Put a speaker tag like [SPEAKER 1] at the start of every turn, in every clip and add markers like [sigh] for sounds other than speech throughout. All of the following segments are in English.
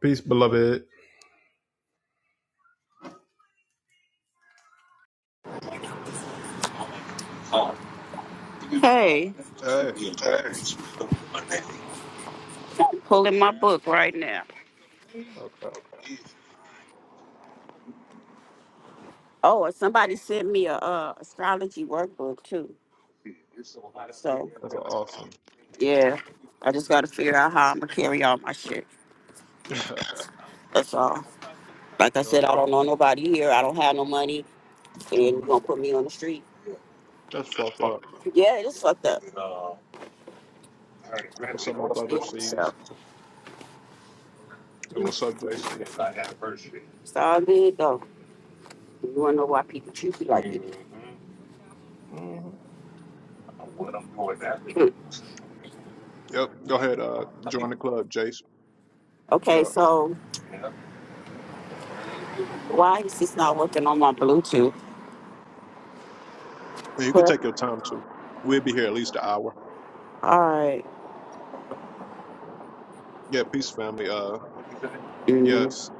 [SPEAKER 1] Peace, beloved.
[SPEAKER 2] Hey,
[SPEAKER 1] Hey,
[SPEAKER 2] I'm pulling my book right now. Oh, and somebody sent me a uh, astrology workbook too. So
[SPEAKER 1] that's awesome.
[SPEAKER 2] yeah, I just gotta figure out how I'm gonna carry all my shit.
[SPEAKER 1] [laughs] you
[SPEAKER 2] That's all. Like I
[SPEAKER 1] know,
[SPEAKER 2] said, I don't know nobody here. I don't have no money, and you're
[SPEAKER 1] Mhm.
[SPEAKER 2] gonna put me on the street.
[SPEAKER 1] That's fucked up.
[SPEAKER 2] Yeah, it's fucked up. Yeah,
[SPEAKER 1] What's up, my brother
[SPEAKER 2] so
[SPEAKER 1] sees? And what's up, Jason?
[SPEAKER 2] it's all good though. You wanna know why people treat you like that?
[SPEAKER 1] hmm
[SPEAKER 2] Hmm.
[SPEAKER 1] Yep, go ahead. Uh, join the club, Jason.
[SPEAKER 2] Okay,
[SPEAKER 1] Yeah,
[SPEAKER 2] so why is this not working on my Bluetooth?
[SPEAKER 1] and you can take your time too. We'll be here at least an hour.
[SPEAKER 2] All right.
[SPEAKER 1] Yeah, Yeah, peace, family. Uh,
[SPEAKER 2] Mm.
[SPEAKER 1] yes,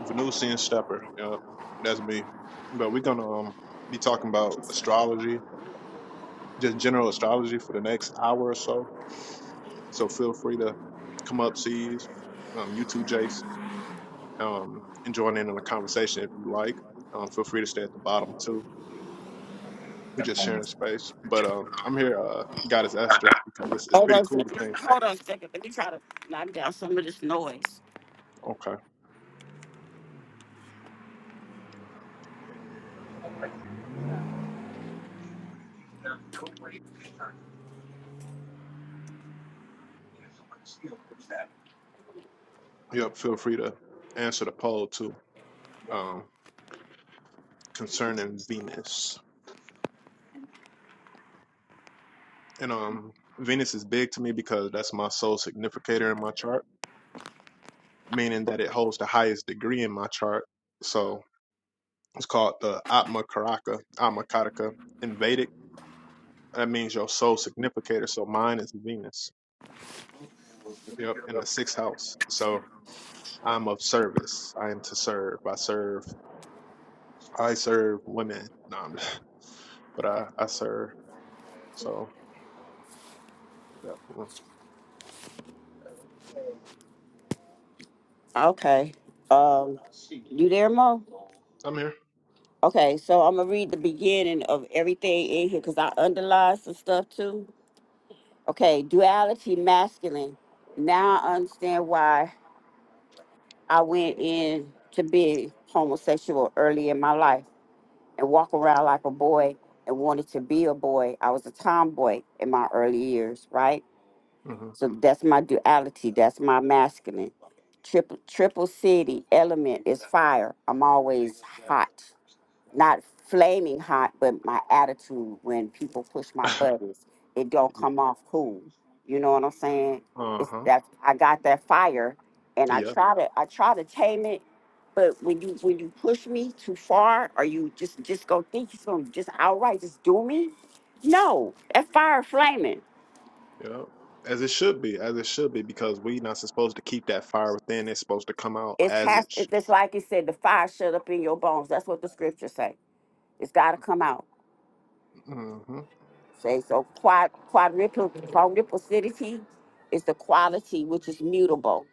[SPEAKER 1] Venusian Stepper. Yep, that's me. But we're gonna um, be talking about astrology, just general astrology for the next hour or so. So feel free to come up, sees. Um, you too, Jace. um, and join in on the conversation if you like. Um, feel free to stay at the bottom too. We're just sharing space. But um, I'm here, uh, Goddess Esther, because it's, it's
[SPEAKER 2] Hold on
[SPEAKER 1] pretty
[SPEAKER 2] a
[SPEAKER 1] cool
[SPEAKER 2] second.
[SPEAKER 1] to think.
[SPEAKER 2] Hold on a second. Let me try to knock down some of this noise.
[SPEAKER 1] Okay. Yep. Feel free to answer the poll too um, concerning Venus. And um, Venus is big to me because that's my soul significator in my chart, meaning that it holds the highest degree in my chart. So it's called the Atma Karaka, Atma Karaka in Vedic. That means your soul significator. So mine is Venus Yep, in the sixth house. So I'm of service. I am to serve. I serve. I serve women. No, I'm just- [laughs] but I I serve. So definitely,
[SPEAKER 2] Okay. Um, you there, Mo?
[SPEAKER 1] I'm here.
[SPEAKER 2] Okay, so I'm gonna read the beginning of everything in here because I underlined some stuff too. Okay, duality masculine. Now I understand why I went in to be homosexual early in my life and walk around like a boy and wanted to be a boy. I was a tomboy in my early years, right?
[SPEAKER 1] hmm
[SPEAKER 2] So that's my duality. That's my masculine. Triple triple city element is fire. I'm always hot. Not flaming hot, but my attitude when people push my
[SPEAKER 1] [laughs]
[SPEAKER 2] buttons, it don't
[SPEAKER 1] yeah.
[SPEAKER 2] come off cool. You know what I'm saying?
[SPEAKER 1] Uh
[SPEAKER 2] It's
[SPEAKER 1] huh.
[SPEAKER 2] that I got that fire and I
[SPEAKER 1] Yeah.
[SPEAKER 2] try to I try to tame it, but when you when you push me too far or you just just go think it's gonna just outright just do me, no, that fire flaming.
[SPEAKER 1] Yeah. As it should be. As it should be, because we not supposed to keep that fire within. It's supposed to come out
[SPEAKER 2] It
[SPEAKER 1] as it.
[SPEAKER 2] has
[SPEAKER 1] Sh-
[SPEAKER 2] It's just like he said, the fire shut up in your bones. That's what the scriptures say. It's got to come out.
[SPEAKER 1] mm-hmm.
[SPEAKER 2] Say so. Quad, quadruple, quadruplicity is the quality which is mutable.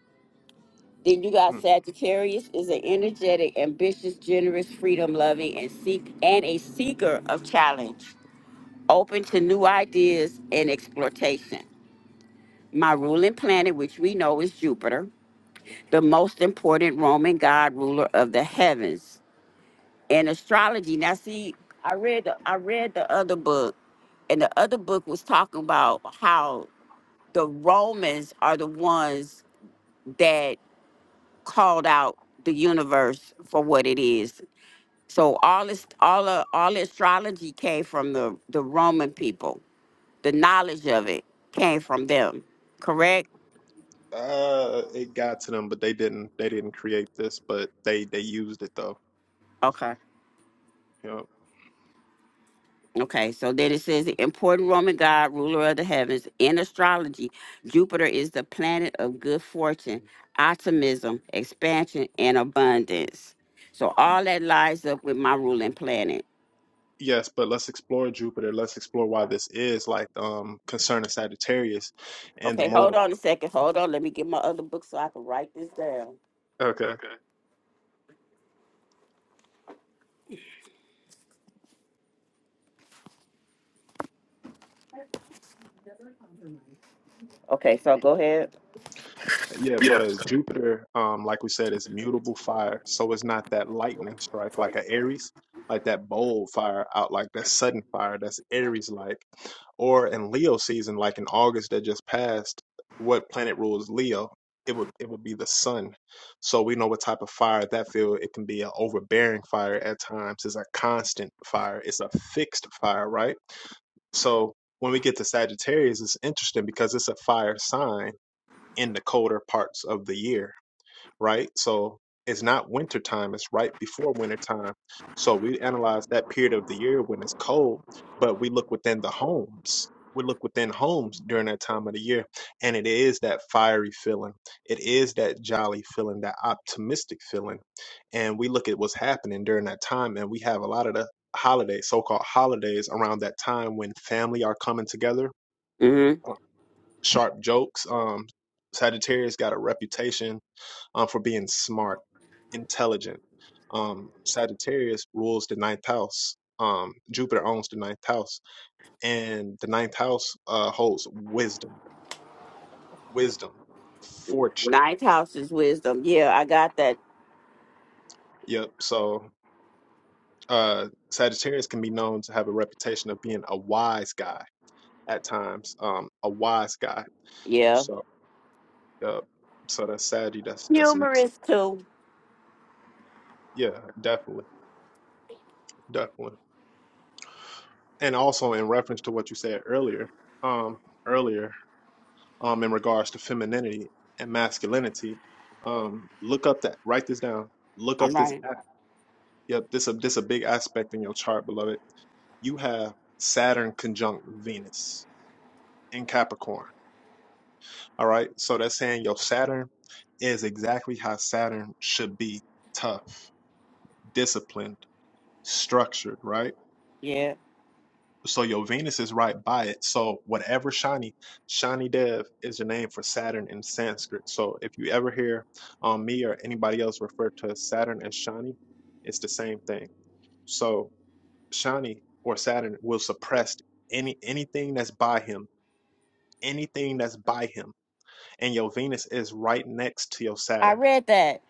[SPEAKER 2] Then you got
[SPEAKER 1] Mm.
[SPEAKER 2] Sagittarius is an energetic, ambitious, generous, freedom loving, and seek and a seeker of challenge, open to new ideas and exploitation. My ruling planet, which we know is Jupiter, the most important Roman god ruler of the heavens. and astrology. Now, see, I read the, I read the other book, and the other book was talking about how the Romans are the ones that called out the universe for what it is. So all this, all uh, all astrology came from the the Roman people. The knowledge of it came from them. Correct?
[SPEAKER 1] Uh, it got to them, but they didn't. They didn't create this, but they they used it though.
[SPEAKER 2] Okay.
[SPEAKER 1] Yeah.
[SPEAKER 2] Okay, so then it says the important Roman god, ruler of the heavens. In astrology, Jupiter is the planet of good fortune, optimism, expansion, and abundance. So all that lies up with my ruling planet.
[SPEAKER 1] Yes, but let's explore Jupiter. Let's explore why this is like um concerning Sagittarius and the
[SPEAKER 2] Okay, hold
[SPEAKER 1] motive.
[SPEAKER 2] on a second. Hold on. Let me get my other book so I can write this down.
[SPEAKER 1] Okay.
[SPEAKER 2] Okay, so go ahead.
[SPEAKER 1] Yeah, because Jupiter, um, like we said, is mutable fire. So it's not that lightning strike like a Aries, like that bold fire out, like that sudden fire that's Aries like. Or in Leo season, like in August that just passed, what planet rules Leo? It would it would be the sun. So we know what type of fire that feel. It can be an overbearing fire at times. It's a constant fire. It's a fixed fire, right? So when we get to Sagittarius, it's interesting because it's a fire sign in the colder parts of the year, right? So it's not winter time, it's right before winter time. So we analyze that period of the year when it's cold, but we look within the homes. We look within homes during that time of the year, and it is that fiery feeling. It is that jolly feeling, that optimistic feeling. And we look at what's happening during that time, and we have a lot of the holidays, so called holidays, around that time when family are coming together uh,
[SPEAKER 2] Mm-hmm.
[SPEAKER 1] sharp jokes. Um, Sagittarius got a reputation um, for being smart, intelligent. Um, Sagittarius rules the ninth house. Um, Jupiter owns the ninth house, and the ninth house uh, holds wisdom, wisdom, fortune.
[SPEAKER 2] Ninth house is wisdom. Yeah, I got that.
[SPEAKER 1] Yep. So uh, Sagittarius can be known to have a reputation of being a wise guy at times. Um, a wise guy.
[SPEAKER 2] Yeah.
[SPEAKER 1] So, yep. So that's Saggy. That's that's some.
[SPEAKER 2] Humorous too.
[SPEAKER 1] Yeah, definitely, definitely. and also in reference to what you said earlier, um, earlier, um, in regards to femininity and masculinity, um, look up that, write this down, look
[SPEAKER 2] All
[SPEAKER 1] up this
[SPEAKER 2] right.
[SPEAKER 1] app. Yep, this a this a big aspect in your chart, beloved. You have Saturn conjunct Venus in Capricorn. All right, so that's saying your Saturn is exactly how Saturn should be: tough, disciplined, structured. Right
[SPEAKER 2] Yeah.
[SPEAKER 1] So your Venus is right by it. So whatever Shani, Shani Dev is the name for Saturn in Sanskrit. So if you ever hear um, me or anybody else refer to Saturn as Shani, it's the same thing. So Shani or Saturn will suppress any anything that's by him, anything that's by him, and your Venus is right next to your
[SPEAKER 2] I
[SPEAKER 1] Saturn.
[SPEAKER 2] read that.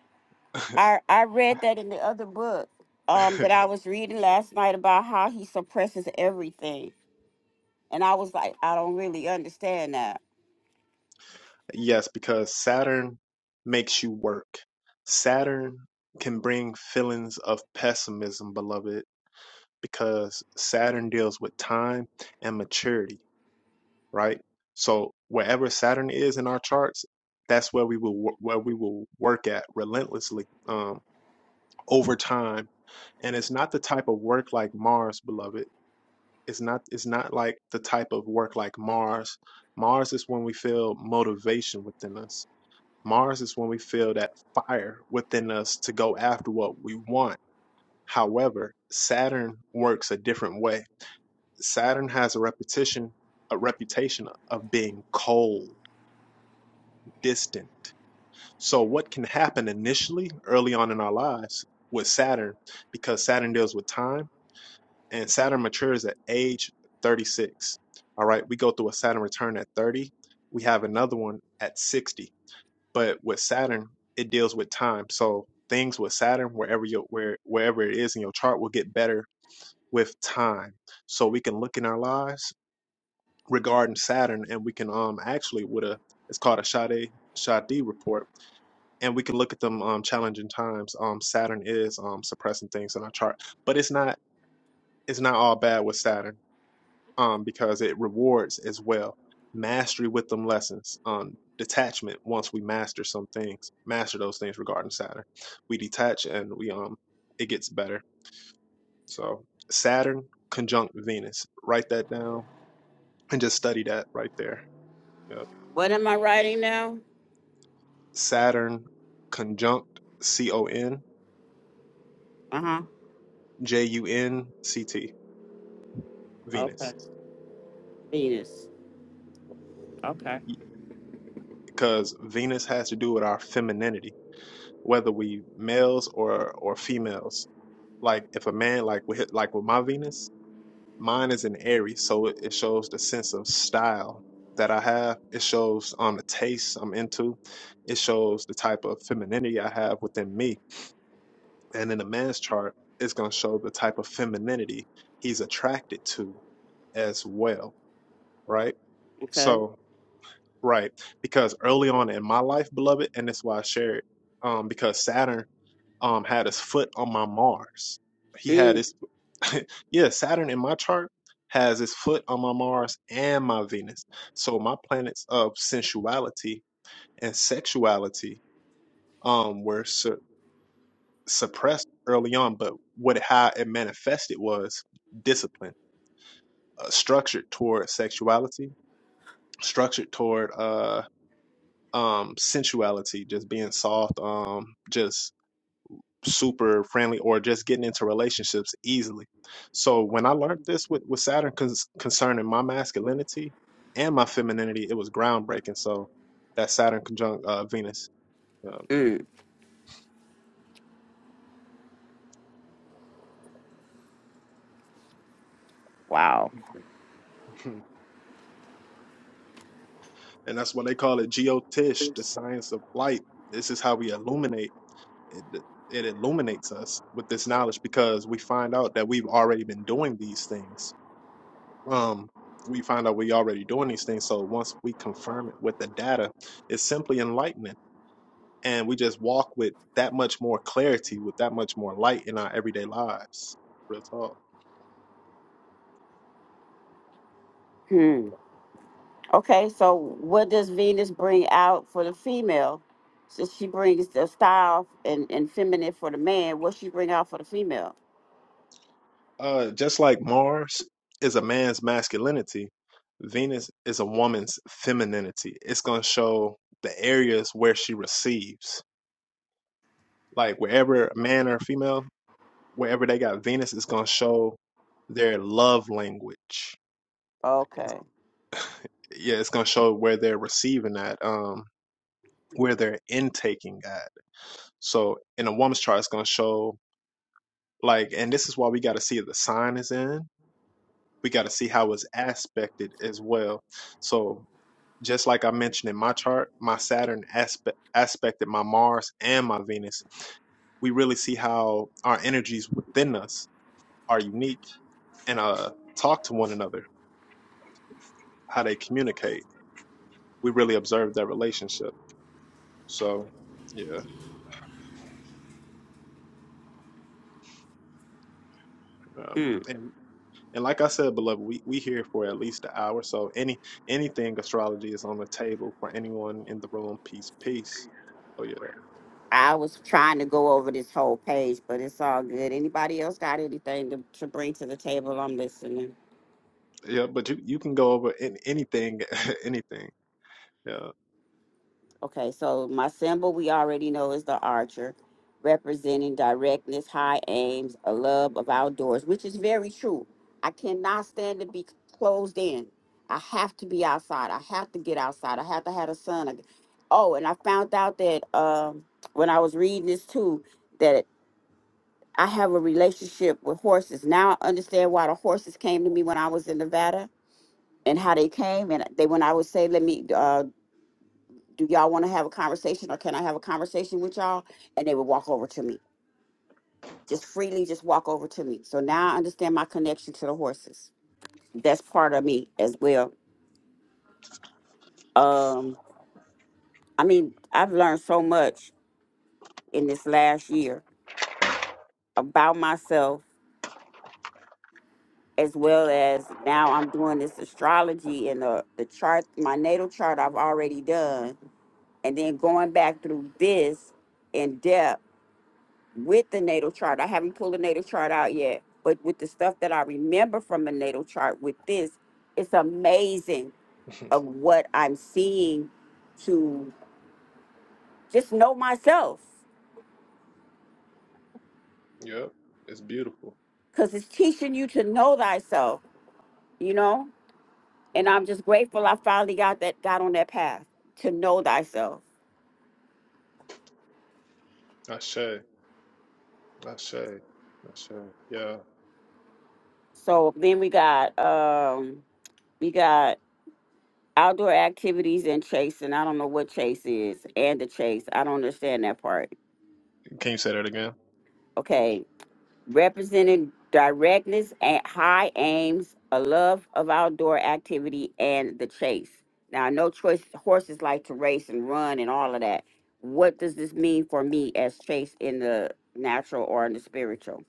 [SPEAKER 2] I I read that in the other book um that
[SPEAKER 1] [laughs]
[SPEAKER 2] I was reading last night about how he suppresses everything. And I was like, I don't really understand that.
[SPEAKER 1] yes, because Saturn makes you work. Saturn can bring feelings of pessimism, beloved because Saturn deals with time and maturity, right? So wherever Saturn is in our charts, that's where we will wo- where we will work at relentlessly um, over time. And it's not the type of work like Mars, beloved. It's not it's not like the type of work like Mars. Mars is when we feel motivation within us. Mars is when we feel that fire within us to go after what we want. However, Saturn works a different way Saturn has a repetition, a reputation of being cold, distant. So what can happen initially early on in our lives with Saturn, because Saturn deals with time and Saturn matures at age 36. All right, we go through a Saturn return at 30. We have another one at 60. But with Saturn, it deals with time. So things with Saturn, wherever you where wherever it is in your chart, will get better with time. So we can look in our lives regarding Saturn, and we can um actually with a it's called a Sade Sade report, and we can look at them um challenging times. Um, Saturn is um suppressing things in our chart, but it's not it's not all bad with Saturn. Um, because it rewards as well mastery with them lessons. Um, detachment once we master some things, master those things regarding Saturn, we detach and we um it gets better. So Saturn conjunct Venus, write that down and just study that right there. Yeah.
[SPEAKER 2] What am I writing now?
[SPEAKER 1] Saturn conjunct C O N
[SPEAKER 2] Uh-huh.
[SPEAKER 1] J U N C T
[SPEAKER 2] Okay.
[SPEAKER 1] Venus
[SPEAKER 2] Venus. Okay.
[SPEAKER 1] because Venus has to do with our femininity, whether we males or or females. Like if a man like with like with my Venus, mine is in Aries, so it, it shows the sense of style that I have. It shows um the taste I'm into. It shows the type of femininity I have within me. And in a man's chart, it's gonna show the type of femininity he's attracted to as well right?
[SPEAKER 2] Okay.
[SPEAKER 1] So, right, because early on in my life, beloved, and that's why I share it, um, because Saturn um had his foot on my Mars. He had
[SPEAKER 2] Mm,
[SPEAKER 1] his, [laughs] yeah, Saturn in my chart has his foot on my Mars and my Venus. So my planets of sensuality and sexuality um were su- suppressed early on, but what how it manifested was discipline, uh, structured toward sexuality, structured toward uh. um sensuality just being soft um just super friendly or just getting into relationships easily so when i learned this with with saturn cons- concerning my masculinity and my femininity it was groundbreaking so that saturn conjunct uh venus uh,
[SPEAKER 2] mm. Wow.
[SPEAKER 1] [laughs] and that's why they call it geotish the science of light this is how we illuminate it it illuminates us with this knowledge because we find out that we've already been doing these things um, we find out we already doing these things. So once we confirm it with the data, it's simply enlightening. And we just walk with that much more clarity, with that much more light in our everyday lives. Real talk.
[SPEAKER 2] Hmm. Okay, so what does Venus bring out for the female? So she brings the style and, and feminine for the man. What she bring out for the female?
[SPEAKER 1] Uh, just like Mars is a man's masculinity, Venus is a woman's femininity. It's going to show the areas where she receives. Like wherever a man or female, wherever they got Venus, it's going to show their love language It's
[SPEAKER 2] Okay.
[SPEAKER 1] yeah, it's gonna show where they're receiving at, um, where they're intaking at. So in a woman's chart, it's gonna show like, and this is why we got to see if the sign is in. We got to see how it's aspected as well. So just like I mentioned in my chart, my Saturn aspect aspected my Mars and my Venus. We really see how our energies within us are unique and uh talk to one another, how they communicate. We really observe that relationship. So yeah. uh,
[SPEAKER 2] Hmm.
[SPEAKER 1] and. And like I said, beloved, we we here for at least an hour. So any anything astrology is on the table for anyone in the room. Peace, peace. Oh yeah,
[SPEAKER 2] I was trying to go over this whole page, but it's all good. Anybody else got anything to, to bring to the table? I'm listening.
[SPEAKER 1] yeah. But you you can go over in, anything, [laughs] anything. Yeah,
[SPEAKER 2] Okay, so my symbol we already know is the archer, representing directness, high aims, a love of outdoors, which is very true. I cannot stand to be closed in. I have to be outside. I have to get outside. I have to have the sun. Oh, and I found out that um, when I was reading this too, that. I have a relationship with horses. Now I understand why the horses came to me when I was in Nevada and how they came. And they, when I would say, let me, uh, do y'all want to have a conversation or can I have a conversation with y'all? And they would walk over to me, just freely, just walk over to me. So now I understand my connection to the horses. That's part of me as well. Um, I mean, I've learned so much in this last year about myself as well as now I'm doing this astrology and the, the chart, my natal chart I've already done. And then going back through this in depth with the natal chart. I haven't pulled the natal chart out yet, but with the stuff that I remember from the natal chart with this, it's amazing
[SPEAKER 1] [laughs]
[SPEAKER 2] of what I'm seeing to just know myself.
[SPEAKER 1] yep. It's beautiful.
[SPEAKER 2] Cause it's teaching you to know thyself, you know?
[SPEAKER 1] Mm.
[SPEAKER 2] And I'm just grateful I finally got that got on that path to know thyself
[SPEAKER 1] Ashe, Ashe, Ashe. Yeah.
[SPEAKER 2] So then we got um we got outdoor activities and chase, and I don't know what chase is and the chase. I don't understand that part.
[SPEAKER 1] Can you say that again?
[SPEAKER 2] Okay, representing directness and high aims, a love of outdoor activity and the chase. Now I know choice horses like to race and run and all of that. What does this mean for me as chase in the natural or in the spiritual?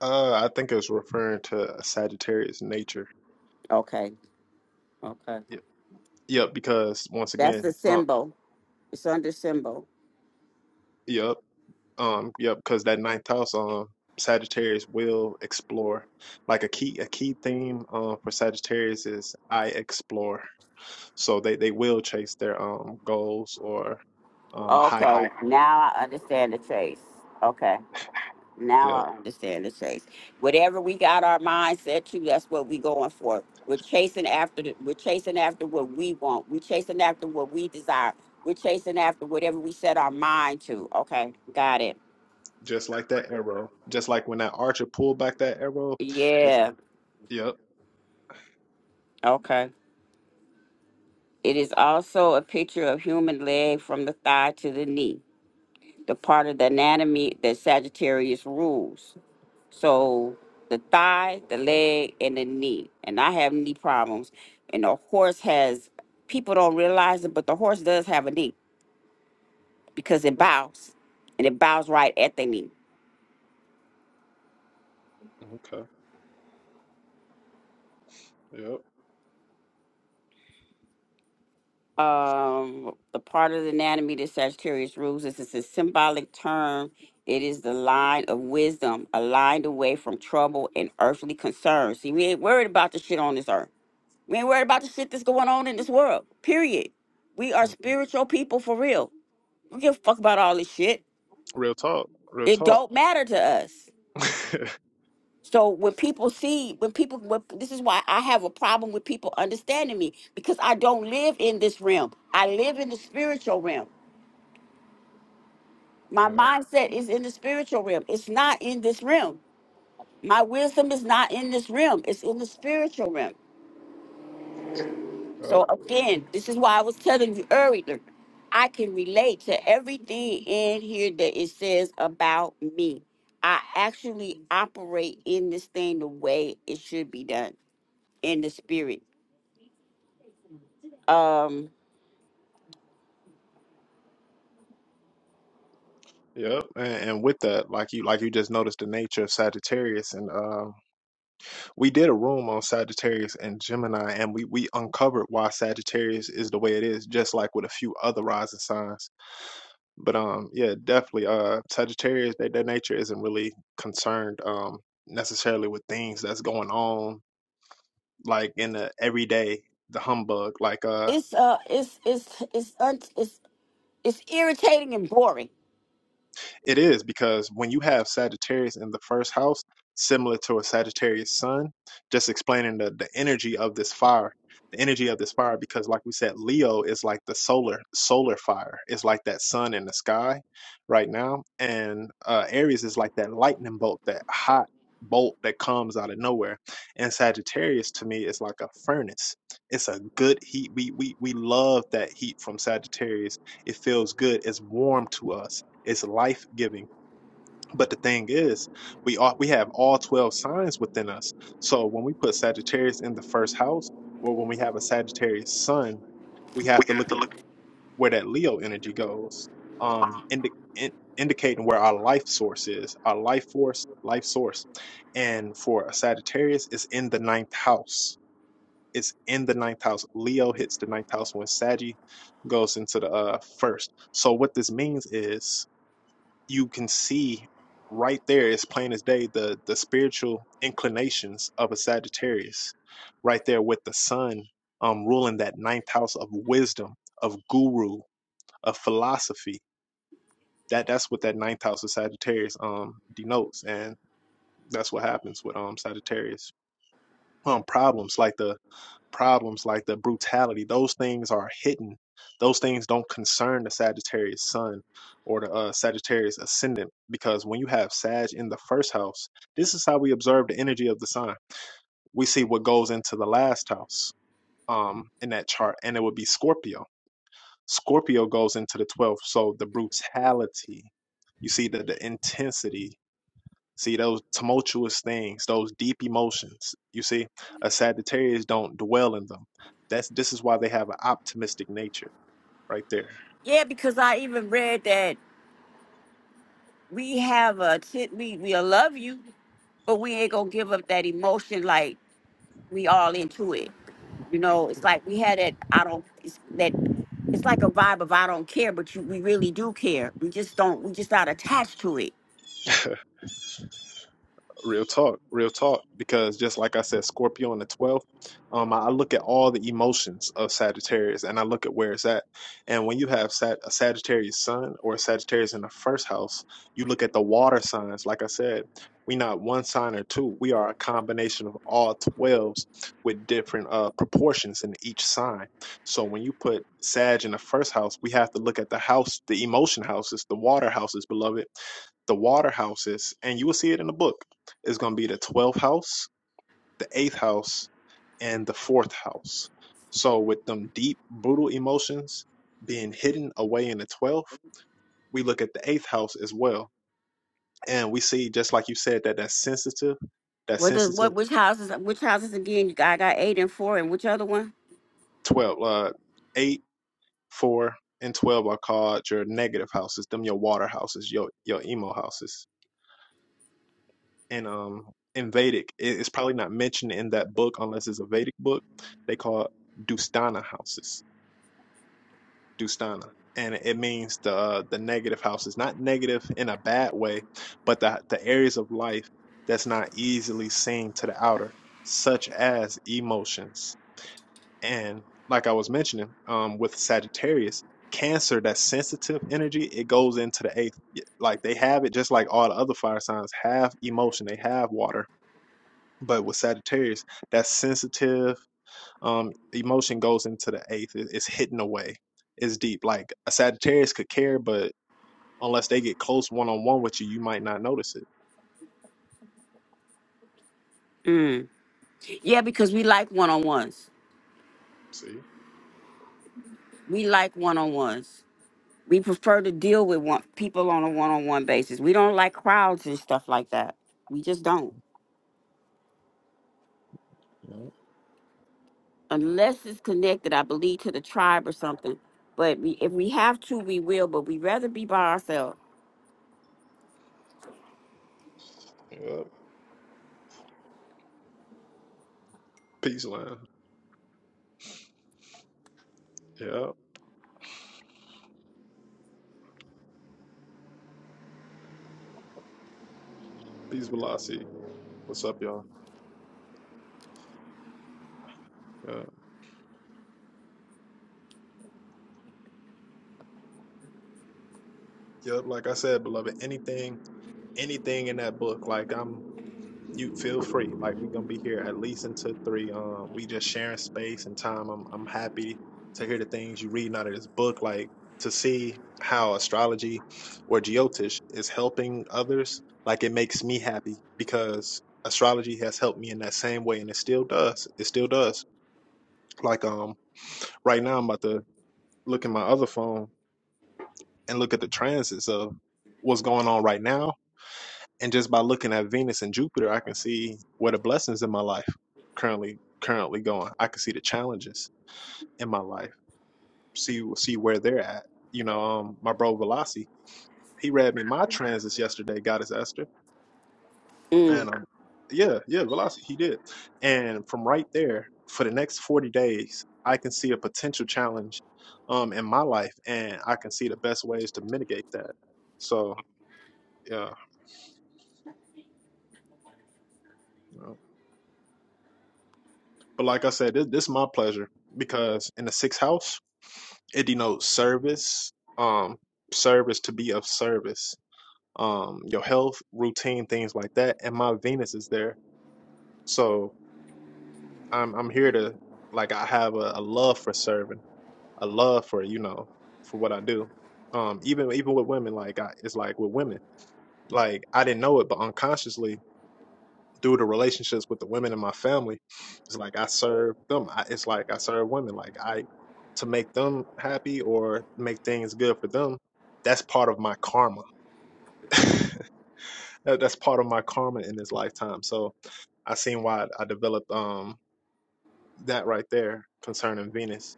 [SPEAKER 1] Uh, I think it's referring to Sagittarius nature.
[SPEAKER 2] Okay, okay,
[SPEAKER 1] Yep. Yep. Because once
[SPEAKER 2] that's
[SPEAKER 1] again,
[SPEAKER 2] the
[SPEAKER 1] uh,
[SPEAKER 2] symbol. It's under symbol.
[SPEAKER 1] yep. Um, yep, because that ninth house, um, Sagittarius will explore. Like a key, a key theme, um, for Sagittarius is I explore. So they they will chase their um goals or um high.
[SPEAKER 2] Okay, now I understand the chase. Okay, now
[SPEAKER 1] Yep,
[SPEAKER 2] I understand the chase. Whatever we got our mindset to, that's what we going for. We're chasing after the, we're chasing after what we want. We're chasing after what we desire. We're chasing after whatever we set our mind to. Okay, got it.
[SPEAKER 1] just like that arrow. Just like when that archer pulled back that arrow, it's
[SPEAKER 2] Yeah.
[SPEAKER 1] yep.
[SPEAKER 2] Okay. It is also a picture of human leg from the thigh to the knee, the part of the anatomy that Sagittarius rules. So the thigh, the leg, and the knee. And I have knee problems. And the horse has, people don't realize it, but the horse does have a knee because it bows and it bows right at the knee.
[SPEAKER 1] Okay. Yep.
[SPEAKER 2] Um, the part of the anatomy that Sagittarius rules is it's a symbolic term. It is the line of wisdom, aligned away from trouble and earthly concerns. See, we ain't worried about the shit on this earth. We ain't worried about the shit that's going on in this world, period. We are
[SPEAKER 1] hmm
[SPEAKER 2] spiritual people for real We don't give a fuck about all this shit.
[SPEAKER 1] Real talk. Real
[SPEAKER 2] It
[SPEAKER 1] talk.
[SPEAKER 2] don't matter to us.
[SPEAKER 1] [laughs]
[SPEAKER 2] So when people see, when people, when, this is why I have a problem with people understanding me because I don't live in this realm. I live in the spiritual realm. My
[SPEAKER 1] Yep.
[SPEAKER 2] mindset is in the spiritual realm. It's not in this realm. My wisdom is not in this realm. It's in the spiritual realm.
[SPEAKER 1] Yep.
[SPEAKER 2] So again, this is why I was telling you earlier, I can relate to everything in here that it says about me. I actually operate in this thing the way it should be done in the spirit. Um,
[SPEAKER 1] Yep. And, and with that, like you like you just noticed the nature of Sagittarius and um we did a room on Sagittarius and Gemini, and we we uncovered why Sagittarius is the way it is, just like with a few other rising signs. But um, yeah, definitely, uh, Sagittarius, their, their nature isn't really concerned um necessarily with things that's going on like in the everyday, the humbug. Like uh.
[SPEAKER 2] it's uh, it's it's it's un- it's it's irritating and boring.
[SPEAKER 1] It is because when you have Sagittarius in the first house, similar to a Sagittarius sun, just explaining the, the energy of this fire, the energy of this fire, because like we said, Leo is like the solar solar fire. It's like that sun in the sky right now. And uh, Aries is like that lightning bolt, that hot bolt that comes out of nowhere. And Sagittarius to me is like a furnace. It's a good heat. We we we love that heat from Sagittarius. It feels good. It's warm to us it's life giving. But the thing is, we all we have all twelve signs within us. So when we put Sagittarius in the first house, or when we have a Sagittarius sun, we have to look at where that Leo energy goes, um, indi- in- indicating where our life source is, our life force, life source. And for a Sagittarius, it's in the ninth house. It's in the ninth house. Leo hits the ninth house when Saggy goes into the uh, first. So what this means is you can see right there as plain as day the the spiritual inclinations of a Sagittarius right there with the sun um ruling that ninth house of wisdom of guru of philosophy that that's what that ninth house of Sagittarius um denotes and that's what happens with um Sagittarius um problems like the problems like the brutality those things are hidden those things don't concern the sagittarius sun or the uh, sagittarius ascendant because when you have sag in the first house this is how we observe the energy of the sign we see what goes into the last house um in that chart and it would be scorpio scorpio goes into the 12th so the brutality you see the, the intensity See those tumultuous things, those deep emotions. You see, a Sagittarius don't dwell in them. That's this is why they have an optimistic nature right there.
[SPEAKER 2] Yeah, because I even read that we have a t- we we love you, but we ain't gonna give up that emotion like we all into it. You know, it's like we had that I don't it's that it's like a vibe of I don't care, but you we really do care. We just don't we just not attached to it.
[SPEAKER 1] [laughs] Real talk, real talk. Because just like I said, Scorpio in the 12th, um, I I look at all the emotions of Sagittarius and I look at where it's at. And when you have Sag- a Sagittarius sun or a Sagittarius in the first house, you look at the water signs. Like I said, we not one sign or two. We are a combination of all 12s with different uh, proportions in each sign. So when you put Sag in the first house, we have to look at the house, the emotion houses, the water houses, beloved the water houses, and you will see it in the book is going to be the 12th house, the 8th house, and the 4th house. So, with them deep, brutal emotions being hidden away in the 12th, we look at the 8th house as well. And we see, just like you said, that that sensitive, that
[SPEAKER 2] What does
[SPEAKER 1] sensitive
[SPEAKER 2] what which houses which houses again? You got I got eight and four and which other one?
[SPEAKER 1] 12, uh, 8, 4, and 12 are called your negative houses, them your water houses, your, your emo houses. And um, in Vedic, it- it's probably not mentioned in that book unless it's a Vedic book. They call it Dustana houses Dustana. And it means the uh, the negative houses, not negative in a bad way, but the the areas of life that's not easily seen to the outer, such as emotions. And like I was mentioning, um, with Sagittarius, Cancer, that sensitive energy, it goes into the eighth. Like they have it, just like all the other fire signs have emotion, they have water. But with Sagittarius, that sensitive um emotion goes into the eighth It- it's hidden away it's deep like a sagittarius could care but unless they get close one-on-one with you you might not notice it
[SPEAKER 2] Mm. Yeah, because we like one on ones.
[SPEAKER 1] see
[SPEAKER 2] We like one on ones. We prefer to deal with one people on a one on one basis. We don't like crowds and stuff like that. We just don't.
[SPEAKER 1] yeah
[SPEAKER 2] Unless it's connected, I believe, to the tribe or something. But we, if we have to, we will. But we rather be by ourselves.
[SPEAKER 1] yeah peace land yeah peace velocity what's up y'all yeah yep like i said beloved anything anything in that book like i'm you feel free. Like we gonna be here at least until three. Um, we just sharing space and time. I'm I'm happy to hear the things you reading out of this book, like to see how astrology or geotish is helping others. Like it makes me happy because astrology has helped me in that same way, and it still does. It still does. Like um, right now I'm about to look at my other phone and look at the transits of what's going on right now and just by looking at Venus and Jupiter, I can see where the blessings in my life currently currently going. I can see the challenges in my life. See see where they're at. You know, um, my bro Velasi, he read me my transits yesterday, Goddess Esther,
[SPEAKER 2] Mm.
[SPEAKER 1] and um, yeah, yeah, Velasi, he did. And from right there, for the next forty days, I can see a potential challenge, um, in my life, and I can see the best ways to mitigate that. So yeah, But like I said, this, this is my pleasure because in the sixth house, it denotes service, um, service to be of service, um, your health, routine, things like that. And my Venus is there, so I'm I'm here to like I have a, a love for serving, a love for you know for what I do. Um, even even with women, like I, it's like with women, like I didn't know it, but unconsciously due to relationships with the women in my family, it's like I serve them. I, it's like I serve women. Like I to make them happy or make things good for them. That's part of my karma. [laughs] That's part of my karma in this lifetime. So I seen why I developed um that right there concerning Venus.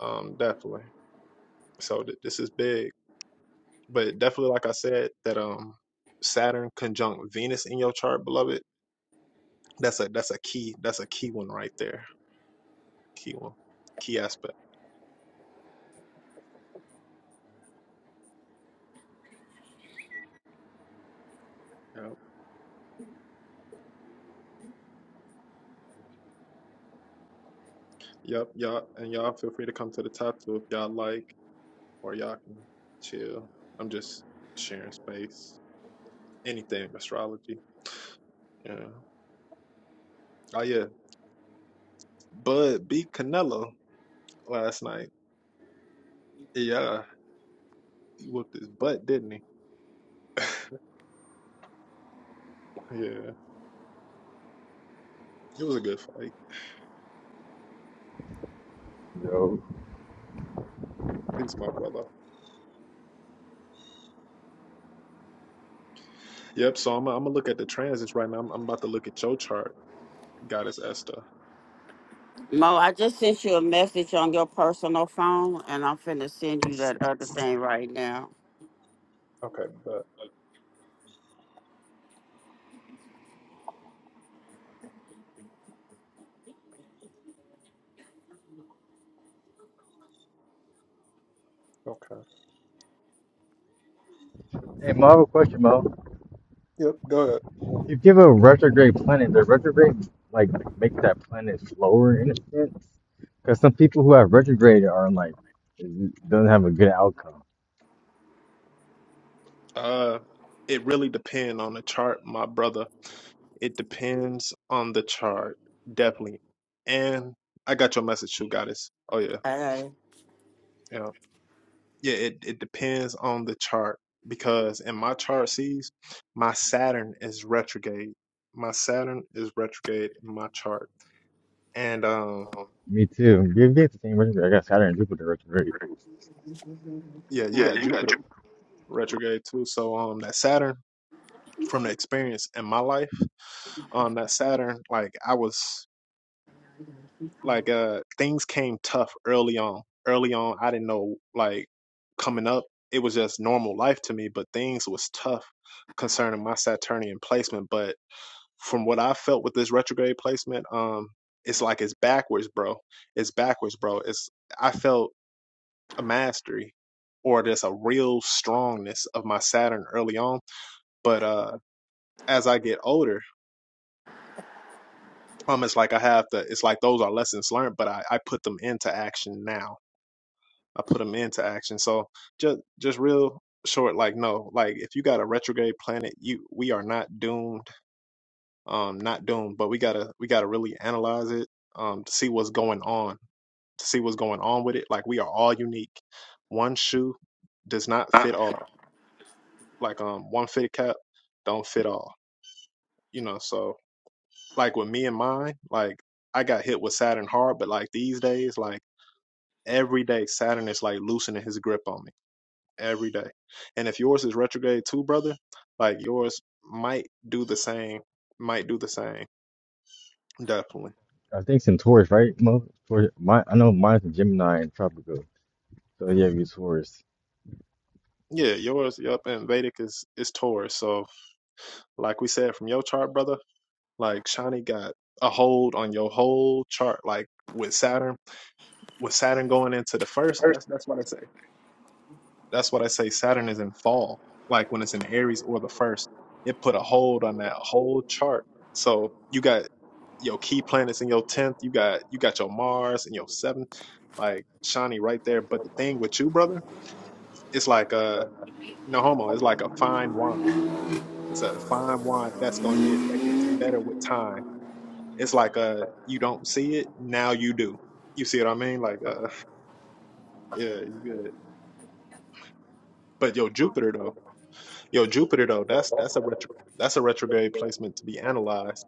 [SPEAKER 1] Um, definitely. So th- this is big, but definitely, like I said, that um Saturn conjunct Venus in your chart, beloved. That's a that's a key. That's a key one right there. Key one. Key aspect. Yep. Yep. Y'all and y'all feel free to come to the top too if y'all like, or y'all can chill. I'm just sharing space. Anything astrology. Yeah. Oh yeah. Bud beat Canelo last night. Yeah. He whooped his butt, didn't he? [laughs] yeah. It was a good fight.
[SPEAKER 3] Yo.
[SPEAKER 1] Peace, my brother. Yep. So I'm I'm gonna look at the transits right now. I'm, I'm about to look at your chart, Goddess Esther.
[SPEAKER 2] Mo, I just sent you a message on your personal phone, and I'm finna send you that other thing right now.
[SPEAKER 1] Okay, but okay.
[SPEAKER 3] Hey, Mo, I have a question, Mo.
[SPEAKER 1] Yep. Go ahead.
[SPEAKER 3] If you have a retrograde planet, the retrograde like make that planet slower in a sense? Because some people who have retrograde are like doesn't have a good outcome.
[SPEAKER 1] Uh, it really depend on the chart, my brother. It depends on the chart, definitely. And I got your message too, goddess. Oh yeah,
[SPEAKER 2] I got it.
[SPEAKER 1] yeah, yeah. It it depends on the chart because in my chart sees my Saturn is retrograde. My Saturn is retrograde in my chart, and um,
[SPEAKER 3] Me too. You get the same retrograde. I got Saturn and Jupiter retrograde.
[SPEAKER 1] yeah, you got Jupiter retrograde too. So um, that Saturn from the experience in my life, um, that Saturn, like I was like uh things came tough early on early on i didn't know like coming up it was just normal life to me but things was tough concerning my saturnian placement but from what i felt with this retrograde placement um it's like it's backwards bro it's backwards bro it's i felt a mastery or just a real strongness of my saturn early on but uh as i get older um it's like i have to it's like those are lessons learned but i, I put them into action now I put them into action. So just just real short, like no, like if you got a retrograde planet, you we are not doomed. Um, not doomed, but we gotta we gotta really analyze it. Um, to see what's going on, to see what's going on with it. Like we are all unique. One shoe does not fit all. Like um, one fitted cap don't fit all. You know, so like with me and mine, like I got hit with Saturn hard, but like these days, like every day Saturn is like loosening his grip on me every day. And if yours is retrograde too, brother, like yours might do the same, might do the same, definitely.
[SPEAKER 3] I think it's in Taurus, right? Mo, Taurus. My, I know mine's in Gemini and Tropical. So yeah, you Taurus.
[SPEAKER 1] Yeah, yours, yep, and Vedic is is Taurus. So, like we said from your chart, brother, like Shani got a hold on your whole chart, like with Saturn, with Saturn going into the first. That's that's why they say That's what I say Saturn is in fall. Like when it's in Aries or the first, it put a hold on that whole chart. So you got your key planets in your tenth, you got you got your Mars in your seventh, like shiny right there. But the thing with you, brother, it's like a no homo, it's like a fine wine. It's a fine wine that's gonna get that gets better with time. It's like uh you don't see it, now you do. You see what I mean? Like uh yeah, you good. But yo, Jupiter though. Yo, Jupiter though, that's that's a retro that's a retrograde placement to be analyzed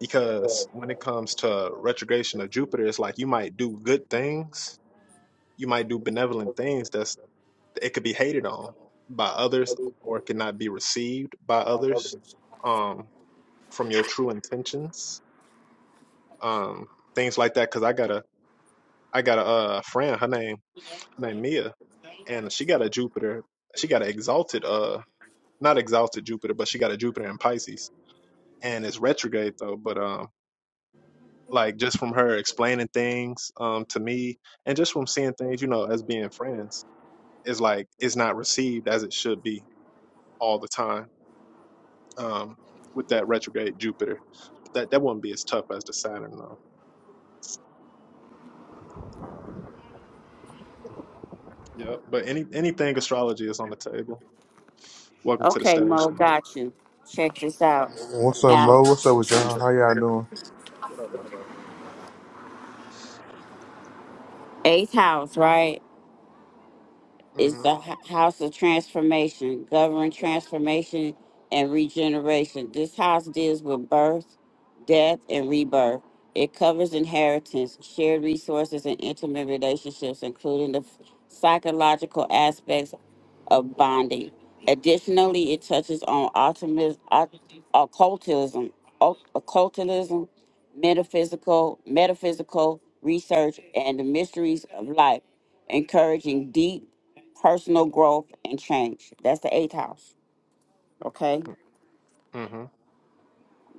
[SPEAKER 1] because when it comes to retrogration of Jupiter, it's like you might do good things, you might do benevolent things that's it could be hated on by others or it could not be received by others um from your true intentions. Um things like that cuz I got a I got a uh, friend, her name her name Mia, and she got a Jupiter, she got an exalted uh not exalted Jupiter, but she got a Jupiter in Pisces and it's retrograde though but um like just from her explaining things um to me and just from seeing things you know as being friends is like it's not received as it should be all the time um with that retrograde jupiter but that that wouldn't be as tough as the saturn though yeah but any anything astrology is on the table welcome to the
[SPEAKER 2] Okay,
[SPEAKER 1] stage
[SPEAKER 2] Mo,
[SPEAKER 1] Mark.
[SPEAKER 2] got you. Check this out.
[SPEAKER 4] What's up,
[SPEAKER 2] Now,
[SPEAKER 4] Mo? What's up with y'all? How y'all doing?
[SPEAKER 1] what up my brother
[SPEAKER 2] eighth house, right? is the
[SPEAKER 1] mm-hmm
[SPEAKER 2] h- house of transformation, govern transformation and regeneration. This house deals with birth, death, and rebirth. It covers inheritance, shared resources, and intimate relationships, including the f- psychological aspects of bonding. Additionally, it touches on optimism, occultism, oc- occultism, metaphysical, metaphysical research, and the mysteries of life encouraging deep personal growth and change. That's the eighth house. Okay.
[SPEAKER 1] mm-hmm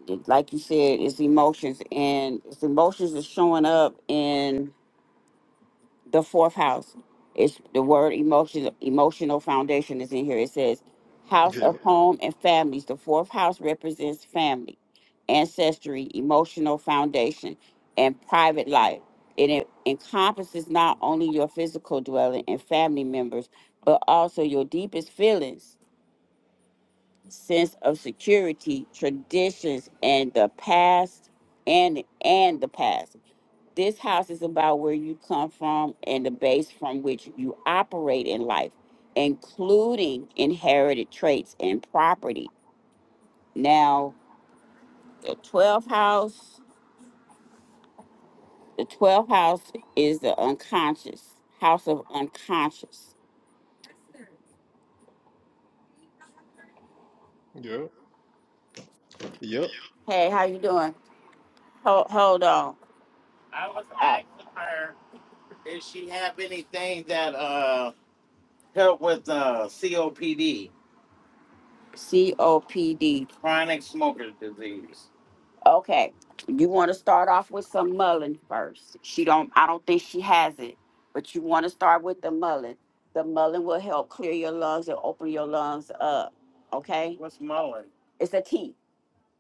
[SPEAKER 2] It- Like you said, it's emotions and it's emotions is showing up in the fourth house. It's the word emotion, emotional foundation is in here. It says house
[SPEAKER 1] Yep.
[SPEAKER 2] of home and families. The fourth house represents family, ancestry, emotional foundation, and private life. And It encompasses not only your physical dwelling and family members, but also your deepest feelings sense of security, traditions, and the past, and and the past. This house is about where you come from and the base from which you operate in life, including inherited traits and property. Now, the 12th house, the 12th house is the unconscious, house of unconscious.
[SPEAKER 1] yep yep.
[SPEAKER 2] Hey, how you doing? Hold, hold on. Uh, Does she have anything that uh help with uh COPD? COPD. Chronic smoker's disease. Okay, you want to start off with some mullein first. She don't. I don't think she has it, but you want to start with the mullein. The mullein will help clear your lungs and open your lungs up. Okay, What's mullet? it's a tea.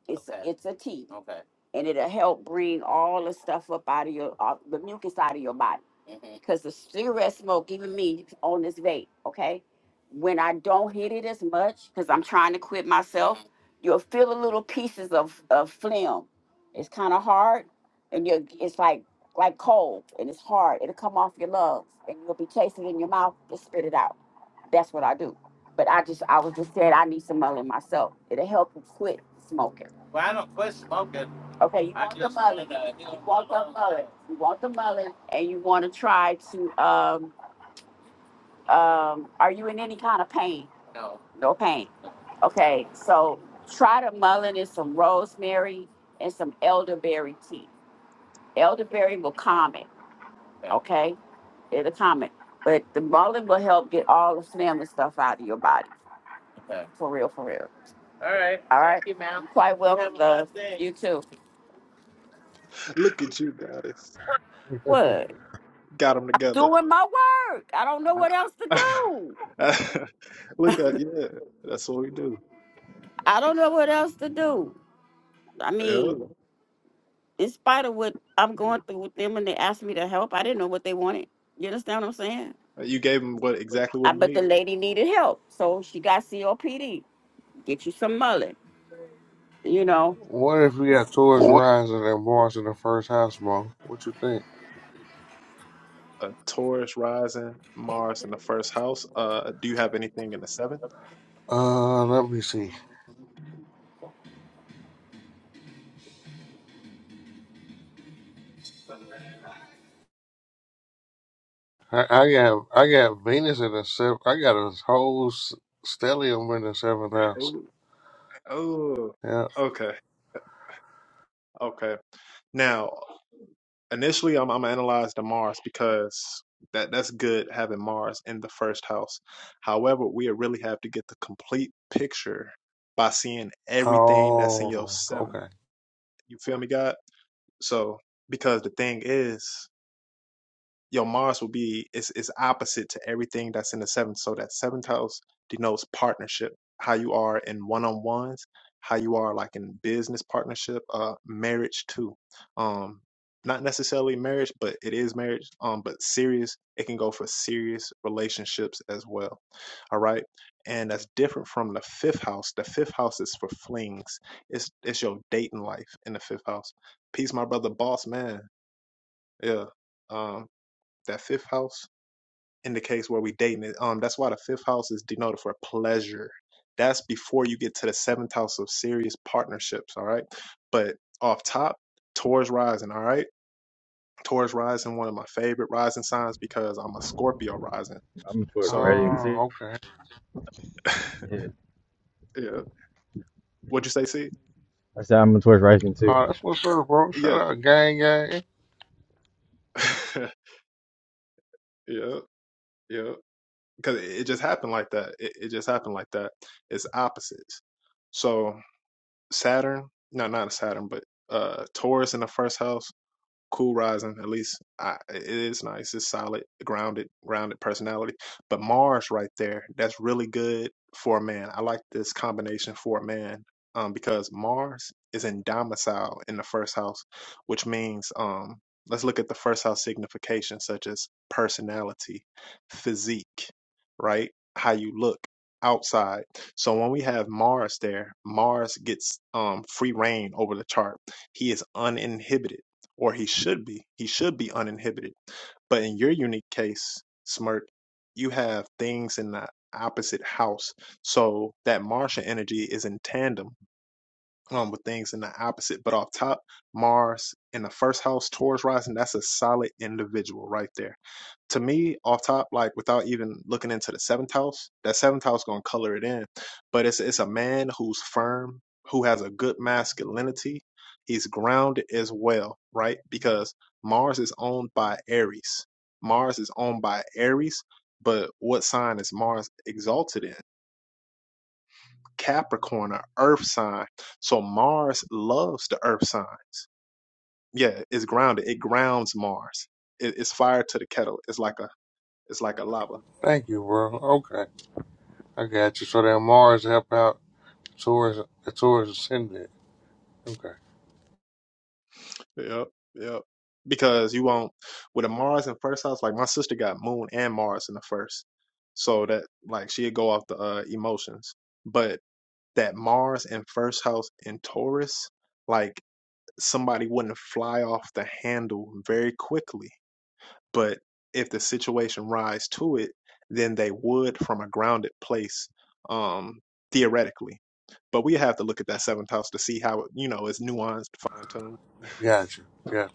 [SPEAKER 2] It's Okay. it's a tea, Okay. and it'll help bring all the stuff up out of your uh, the mucus out of your body. Mhm. Because the cigarette smoke, even me on this vape, okay, when I don't hit it as much, because I'm trying to quit myself, Mhm. you'll feel the little pieces of of phlegm. It's kind of hard, and you it's like like cold, and it's hard. It'll come off your lungs, and you'll be chasing it in your mouth to spit it out. That's what I do. But I just I was just saying I need some money myself. It'll help you quit smoking. Well, I don't quit smoking. Okay, you I want the just mullet. wanted you You know, want the mullet. You want the mullet, and you want to try to. Um, um, are you in any kind of pain? no. No pain. Okay, so try the mullet and some rosemary and some elderberry tea. Elderberry will calm it. Okay. Okay, it'll calm it. But the mullet will help get all the phlegm stuff out of your body. okay. For real, for real. All right. All right. Thank you, ma'am. You're quite Have welcome, Have a love. blessed day. You too.
[SPEAKER 1] look at you goddess.
[SPEAKER 2] What?
[SPEAKER 1] got them
[SPEAKER 2] I'm
[SPEAKER 1] together
[SPEAKER 2] doing my work. I don't know
[SPEAKER 1] I,
[SPEAKER 2] what else to do.
[SPEAKER 1] [laughs] I- Look at yeah, that's what we do.
[SPEAKER 2] I don't know what else to do. I
[SPEAKER 1] Yeah,
[SPEAKER 2] mean, in spite of what I'm going through with them, and they asked me to help, I didn't know what they wanted. You understand what I'm saying?
[SPEAKER 1] you gave him what exactly what
[SPEAKER 2] I,
[SPEAKER 1] he
[SPEAKER 2] but the
[SPEAKER 1] needed:
[SPEAKER 2] lady needed help, so she got COPD. Get you some mullet, you know.
[SPEAKER 4] What if we got Taurus rising and Mars in the first house, Mo? What you think?
[SPEAKER 1] a Taurus rising, Mars in the first house. Uh, do you have anything in the seventh?
[SPEAKER 4] Uh, let me see. I, I got I got Venus in the seventh. I got a whole s- stellium in the seventh house.
[SPEAKER 1] Oh, oh,
[SPEAKER 4] Yeah.
[SPEAKER 1] okay, okay. Now, initially, I'm I'm analyze the Mars because that that's good having Mars in the first house. However, we really have to get the complete picture by seeing everything that's in your
[SPEAKER 4] Oh,
[SPEAKER 1] seventh.
[SPEAKER 4] okay.
[SPEAKER 1] You feel me, God? So because the thing is, your Mars will be is is opposite to everything that's in the seventh. So that seventh house denotes partnership, how you are in one on ones, how you are like in business partnership, uh, marriage too. Um, not necessarily marriage, but it is marriage. Um, but serious, it can go for serious relationships as well. All right, and that's different from the fifth house. The fifth house is for flings. It's it's your dating life in the fifth house. Peace, my brother, boss man. Yeah. Um, that fifth house indicates where we dating it. Um, that's why the fifth house is denoted for pleasure. That's before you get to the seventh house of serious partnerships, all right? But off top, Taurus rising, all right? Taurus rising, one of my favorite rising signs because I'm a Scorpio rising.
[SPEAKER 3] I'm a Taurus
[SPEAKER 1] So,
[SPEAKER 3] rising too.
[SPEAKER 4] Oh, okay.
[SPEAKER 1] [laughs]
[SPEAKER 3] Yeah.
[SPEAKER 1] yeah. What'd you say, C?
[SPEAKER 3] I said I'm a Taurus rising too.
[SPEAKER 4] Oh, that's what's up, bro. Shout
[SPEAKER 1] Yeah.
[SPEAKER 4] out, gang, gang.
[SPEAKER 1] [laughs] yeah. Yeah. Because it it just happened like that. It, it just happened like that. It's opposites. So, Saturn, no, not a Saturn, but uh Taurus in the first house cool rising at least I, it is nice it's solid grounded grounded personality but mars right there that's really good for a man i like this combination for a man um, because mars is in domicile in the first house which means um, let's look at the first house signification such as personality physique right how you look outside so when we have mars there mars gets um, free reign over the chart he is uninhibited or he should be. He should be uninhibited. But in your unique case, Smirk, you have things in the opposite house. So that Martian energy is in tandem um, with things in the opposite. But off top, Mars in the first house, Taurus rising, that's a solid individual right there. To me, off top, like without even looking into the seventh house, that seventh house gonna color it in. But it's it's a man who's firm, who has a good masculinity. He's grounded as well, right? Because Mars is owned by Aries. Mars is owned by Aries, but what sign is Mars exalted in? Capricorn, an earth sign. So Mars loves the earth signs. Yeah, it's grounded. It grounds Mars. It, it's fire to the kettle. It's like a it's like a lava.
[SPEAKER 4] Thank you, bro. Okay, I got you. So that Mars help out Taurus, the Taurus ascendant. Okay,
[SPEAKER 1] Yep, yep. Because you won't with a Mars in first house, like my sister got Moon and Mars in the first. So that like she'd go off the uh, emotions. But that Mars in first house in Taurus, like somebody wouldn't fly off the handle very quickly but if the situation rise to it, then they would from a grounded place, um, theoretically. But we have to look at that seventh house to see how it, you know, it's nuanced, fine tuned.
[SPEAKER 4] got you. Got you.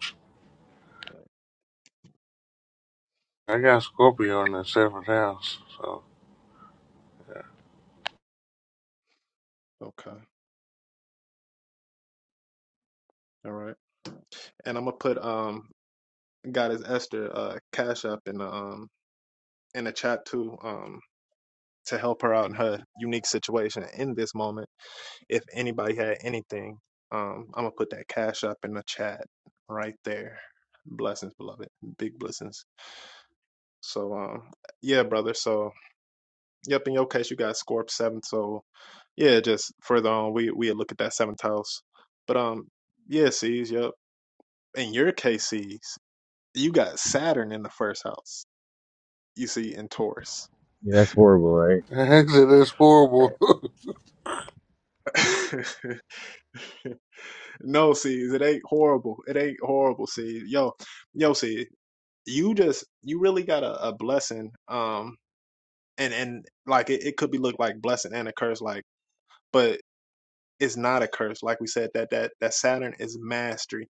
[SPEAKER 4] I got Scorpio in the seventh house, so
[SPEAKER 1] Okay, all right. And I'm gonna put um, Goddess Esther uh, cash up in the um in the chat too um to help her out in her unique situation in this moment. If anybody had anything, um, I'm gonna put that cash up in the chat right there. Blessings, beloved. Big blessings. So um, yeah, brother. So yep, in your case you got Scorp seventh. So yeah, just further on we we look at that seventh house. But um yeah, sees, yep. In your case, sees, you got Saturn in the first house. You see in Taurus.
[SPEAKER 3] Yeah, that's horrible, right?
[SPEAKER 4] [laughs] Exit is horrible. [laughs]
[SPEAKER 1] [laughs] no, sees, it ain't horrible. It ain't horrible, sees. Yo, yo, see, you just you really got a, a blessing. Um and and like it, it could be looked like blessing and a curse, like but it's not a curse like we said that that that saturn is mastery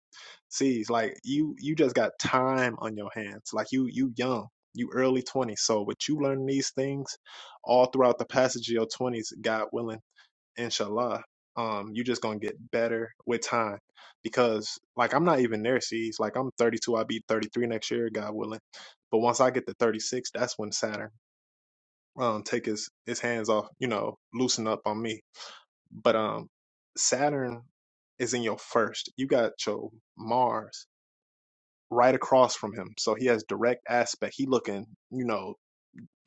[SPEAKER 1] sees like you you just got time on your hands like you you young you early 20s so with you learning these things all throughout the passage of your 20s god willing inshallah um you just gonna get better with time because like i'm not even there sees like i'm 32 i'll be 33 next year god willing but once i get to 36 that's when saturn um take his his hands off you know loosen up on me but um, Saturn is in your first. You got your Mars right across from him, so he has direct aspect. He looking, you know,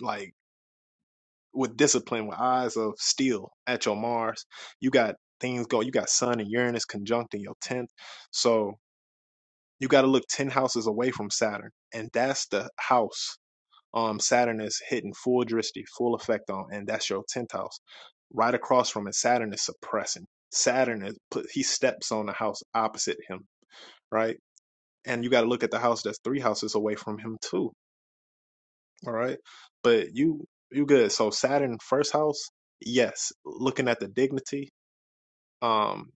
[SPEAKER 1] like with discipline, with eyes of steel at your Mars. You got things go. You got Sun and Uranus conjunct in your tenth, so you got to look ten houses away from Saturn, and that's the house um Saturn is hitting full dristy, full effect on, and that's your tenth house. Right across from it, Saturn is suppressing. Saturn is put he steps on the house opposite him, right? And you gotta look at the house that's three houses away from him too. All right. But you you good. So Saturn first house, yes. Looking at the dignity. Um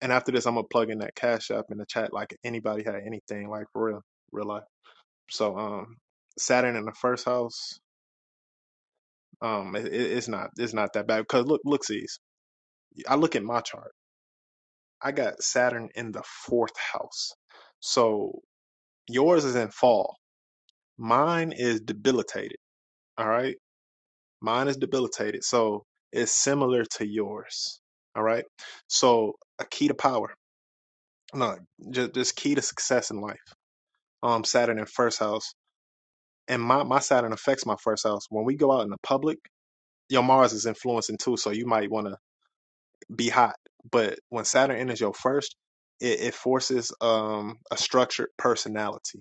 [SPEAKER 1] and after this I'm gonna plug in that cash app in the chat like anybody had anything like for real real life. So um Saturn in the first house, Um, it, it's not it's not that bad because look look sees I look at my chart. I got Saturn in the fourth house, so yours is in fall. Mine is debilitated. All right, mine is debilitated, so it's similar to yours. All right, so a key to power, no, just just key to success in life. Um, Saturn in first house, and my my Saturn affects my first house. When we go out in the public, your Mars is influencing too, so you might want to be hot. But when Saturn enters your first, it, it forces um, a structured personality.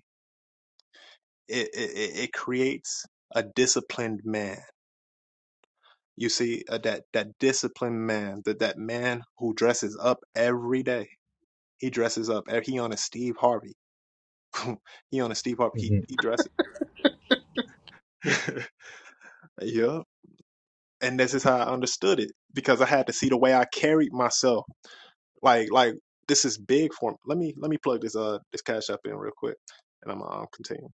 [SPEAKER 1] It, it it creates a disciplined man. You see uh, that that disciplined man, that that man who dresses up every day. He dresses up. eh, He on a Steve Harvey. [laughs] he on a Steve Harvey. He
[SPEAKER 3] Mm-hmm.
[SPEAKER 1] he dresses. [laughs] yeah. And this is how I understood it because I had to see the way I carried myself Like like this is big for me. Let me let me plug this uh this cash up in real quick, and I'm gonna um, continue.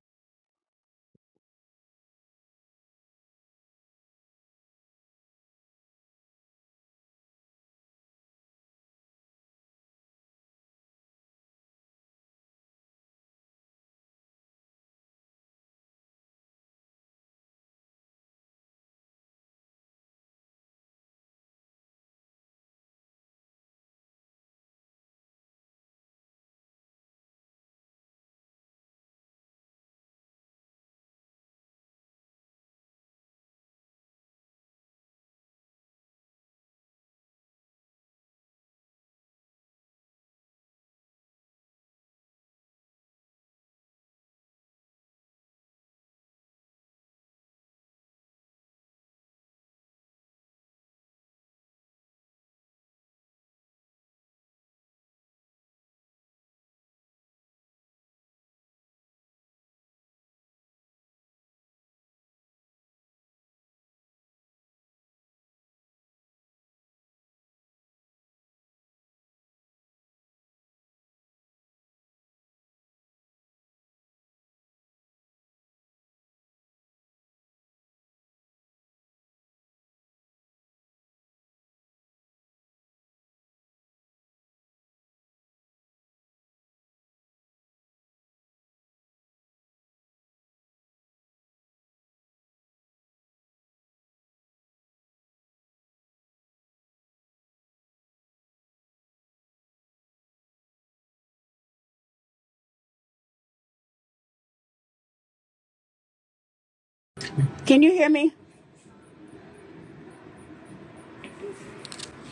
[SPEAKER 5] Can you hear me?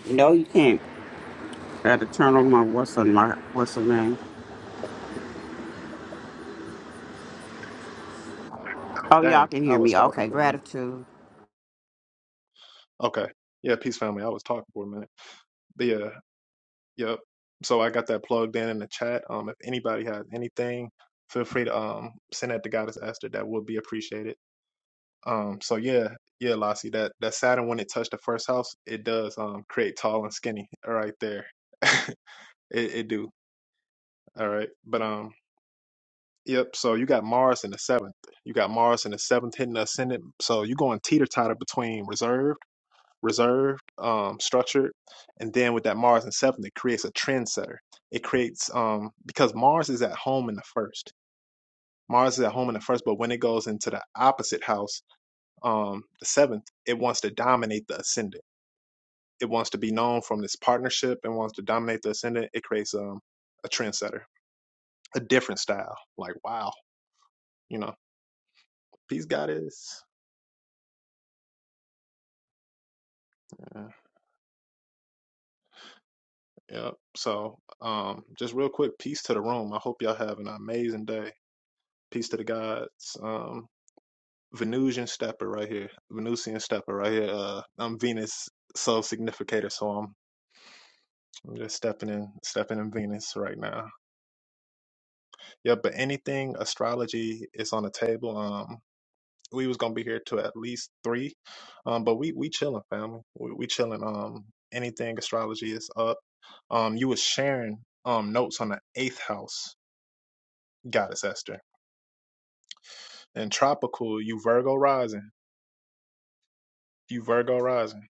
[SPEAKER 5] No, you can't. I had to turn on my what's on my what's the name? Oh, y'all
[SPEAKER 1] Dang,
[SPEAKER 5] can
[SPEAKER 1] I
[SPEAKER 5] hear
[SPEAKER 1] was
[SPEAKER 5] me.
[SPEAKER 1] talking
[SPEAKER 5] Okay,
[SPEAKER 1] for a minute.
[SPEAKER 5] gratitude.
[SPEAKER 1] Okay, yeah, peace family. I was talking for a minute. But yeah, yep. So I got that plugged in in the chat. Um, if anybody has anything, feel free to um send that to Goddess Esther. That would be appreciated. Um, so yeah, yeah, Lassie, that that Saturn when it touched the first house, it does um create tall and skinny right there. [laughs] it it do. All right, but um. Yep. So you got Mars in the seventh. You got Mars in the seventh hitting the ascendant. So you're going teeter totter between reserved, reserved, um, structured, and then with that Mars in seventh, it creates a trendsetter. It creates um because Mars is at home in the first. Mars is at home in the first, but when it goes into the opposite house, um, the seventh, it wants to dominate the ascendant. It wants to be known from this partnership and wants to dominate the ascendant. It creates um a trendsetter, a different style. Like wow, you know, peace goddess. Yeah. Yep. So, um, just real quick, peace to the room. I hope y'all have an amazing day. Peace to the gods. Um, Venusian stepper right here. Venusian stepper right here. Uh, I'm Venus soul significator, so I'm, I'm just stepping in, stepping in Venus right now. Yeah, but anything astrology is on the table. Um, we was gonna be here to at least three, um, but we we chilling, family. We, we chilling. Um, anything astrology is up. Um, you was sharing um notes on the eighth house, goddess Esther. and tropical, you Virgo rising. You Virgo rising.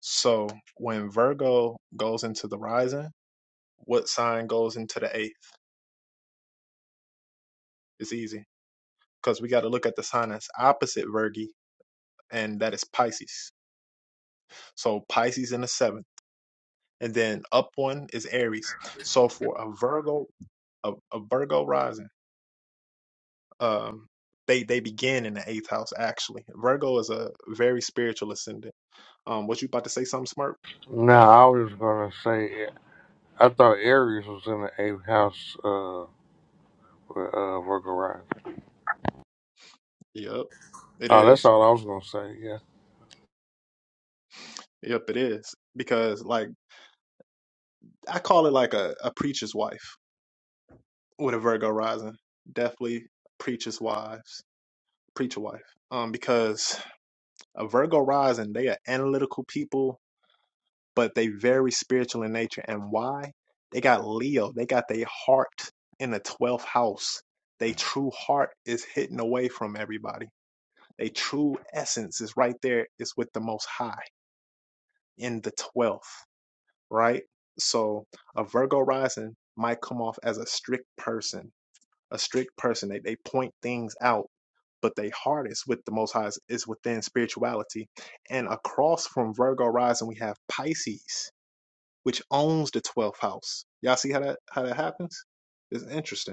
[SPEAKER 1] So when Virgo goes into the rising, what sign goes into the eighth? It's easy because we got to look at the sign that's opposite Virgo, and that is Pisces. So Pisces in the seventh, and then up one is Aries. So for a Virgo, a, a Virgo rising, um, they they begin in the eighth house. Actually, Virgo is a very spiritual ascendant. Um, was you about to say something, Smart?
[SPEAKER 4] no, I was gonna say I thought Aries was in the eighth house, uh, with, uh, Virgo rising.
[SPEAKER 1] Yep, it
[SPEAKER 4] Oh, that's
[SPEAKER 1] is.
[SPEAKER 4] all I was gonna say. Yeah.
[SPEAKER 1] Yep, it is. Because like I call it like a, a preacher's wife with a Virgo rising. Definitely preacher's wives, preacher wife. Um, because a Virgo rising, they are analytical people, but they very spiritual in nature. And why? They got Leo. They got their heart in the twelfth house. They true heart is hidden away from everybody. They true essence is right there, is with the Most High in the 12th, right? So a Virgo rising might come off as a strict person, a strict person. They, they point things out, but they heart is with the Most High is within spirituality. And across from Virgo rising, we have Pisces, which owns the 12th house. Y'all see how that how that happens? It's interesting.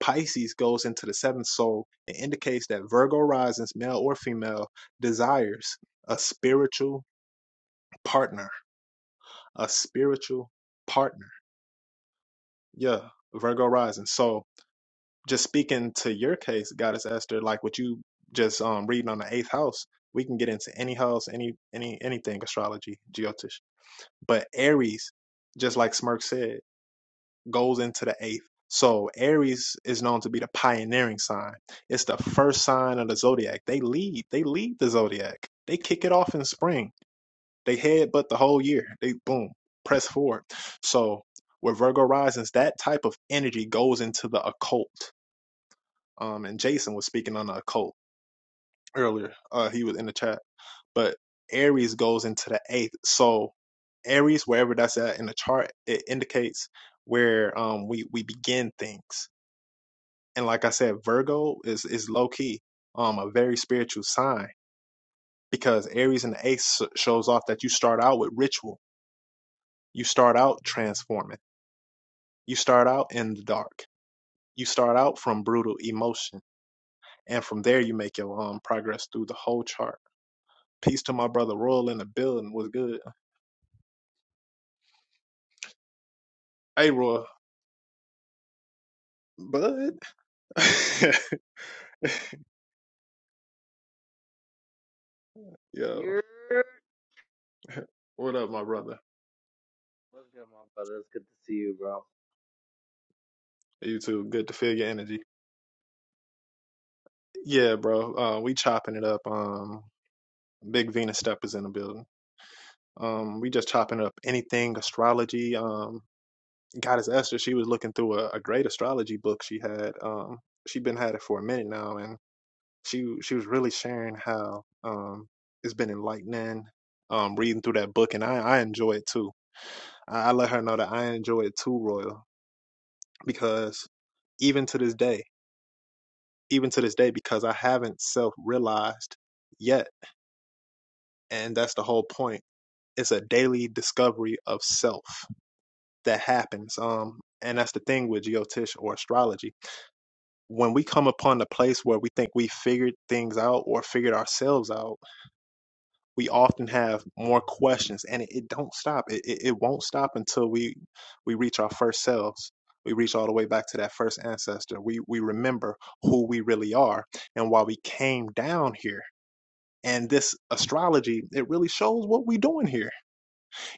[SPEAKER 1] Pisces goes into the seventh soul and indicates that Virgo risings, male or female, desires a spiritual partner. A spiritual partner. Yeah, Virgo rising. So just speaking to your case, Goddess Esther, like what you just um reading on the eighth house, we can get into any house, any any anything astrology, geotish. But Aries, just like Smirk said. goes into the eighth. So Aries is known to be the pioneering sign. It's the first sign of the zodiac. They lead. They lead the zodiac. They kick it off in spring. They head but the whole year. They boom press forward. So with Virgo risings, that type of energy goes into the occult. Um, and Jason was speaking on the occult earlier. Uh, he was in the chat, but Aries goes into the eighth. So Aries, wherever that's at in the chart, it indicates where um we we begin things. and like I said, Virgo is is low key um a very spiritual sign because Aries and the Ace s- shows off that you start out with ritual, you start out transforming, you start out in the dark, you start out from brutal emotion, and from there you make your um progress through the whole chart. Peace to my brother Royal in the building was good. Hey Royal, bud, [laughs] yo,
[SPEAKER 6] You're
[SPEAKER 1] what up, my brother?
[SPEAKER 6] what's good, my brother? It's good to see you, bro.
[SPEAKER 1] You too. Good to feel your energy. Yeah, bro. Uh, we chopping it up. Um, Big Venus Step is in the building. Um, we just chopping up anything astrology. Um, Goddess Esther, she was looking through a, a great astrology book she had. Um, she'd been had it for a minute now, and she she was really sharing how um it's been enlightening. Um, reading through that book, and I I enjoy it too. I, I let her know that I enjoy it too, Royal, because even to this day, even to this day, because I haven't self realized yet, and that's the whole point. It's a daily discovery of self that happens. Um, and that's the thing with geotish or astrology. When we come upon a place where we think we figured things out or figured ourselves out, we often have more questions, and it, it don't stop. It, it it won't stop until we we reach our first selves. We reach all the way back to that first ancestor. We we remember who we really are and why we came down here. And this astrology, it really shows what we doing here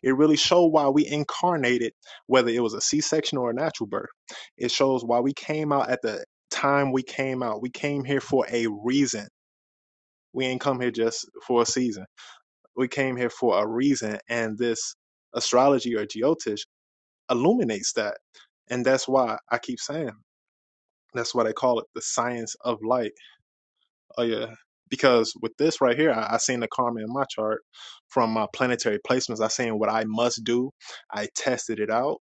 [SPEAKER 1] it really showed why we incarnated, whether it was a C section or a natural birth. It shows why we came out at the time we came out. We came here for a reason. We ain't come here just for a season. We came here for a reason. And this astrology or geotish illuminates that. And that's why I keep saying that's why they call it the science of light. Oh yeah. Because with this right here, I, I seen the karma in my chart from my planetary placements. I seen what I must do. I tested it out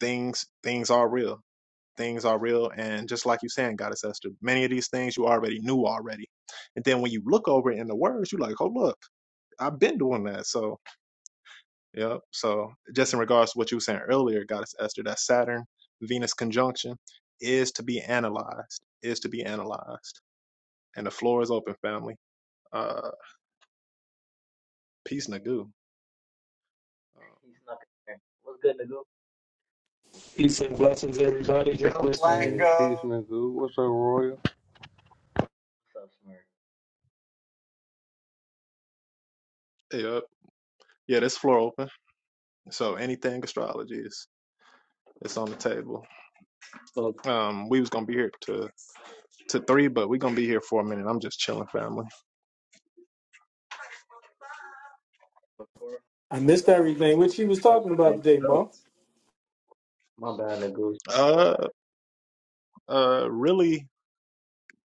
[SPEAKER 1] things things are real things are real and just like you're saying goddess esther many of these things you already knew already and then when you look over it in the words you're like oh look i've been doing that so yeah so just in regards to what you were saying earlier goddess esther that saturn venus conjunction is to be analyzed is to be analyzed and the floor is open family uh peace nagoo
[SPEAKER 6] He
[SPEAKER 1] uh,
[SPEAKER 6] snuck in there. What's good, Nagu?
[SPEAKER 7] Peace and blessings, everybody. Just Joe listening.
[SPEAKER 4] Hey, peace,
[SPEAKER 7] Flacco.
[SPEAKER 4] nigga. What's up, Royal?
[SPEAKER 6] What's up, Smurf?
[SPEAKER 1] yep yeah this floor open so anything astrology is it's on the table
[SPEAKER 6] But
[SPEAKER 1] um we was gonna be here to to three, but we're gonna be here for a minute. I'm just chilling, family.
[SPEAKER 6] Of course.
[SPEAKER 7] I missed everything, which he was
[SPEAKER 6] those
[SPEAKER 7] talking
[SPEAKER 6] are
[SPEAKER 7] about today,
[SPEAKER 6] built.
[SPEAKER 7] Mo.
[SPEAKER 6] My bad, Nagu.
[SPEAKER 1] Uh, uh, really,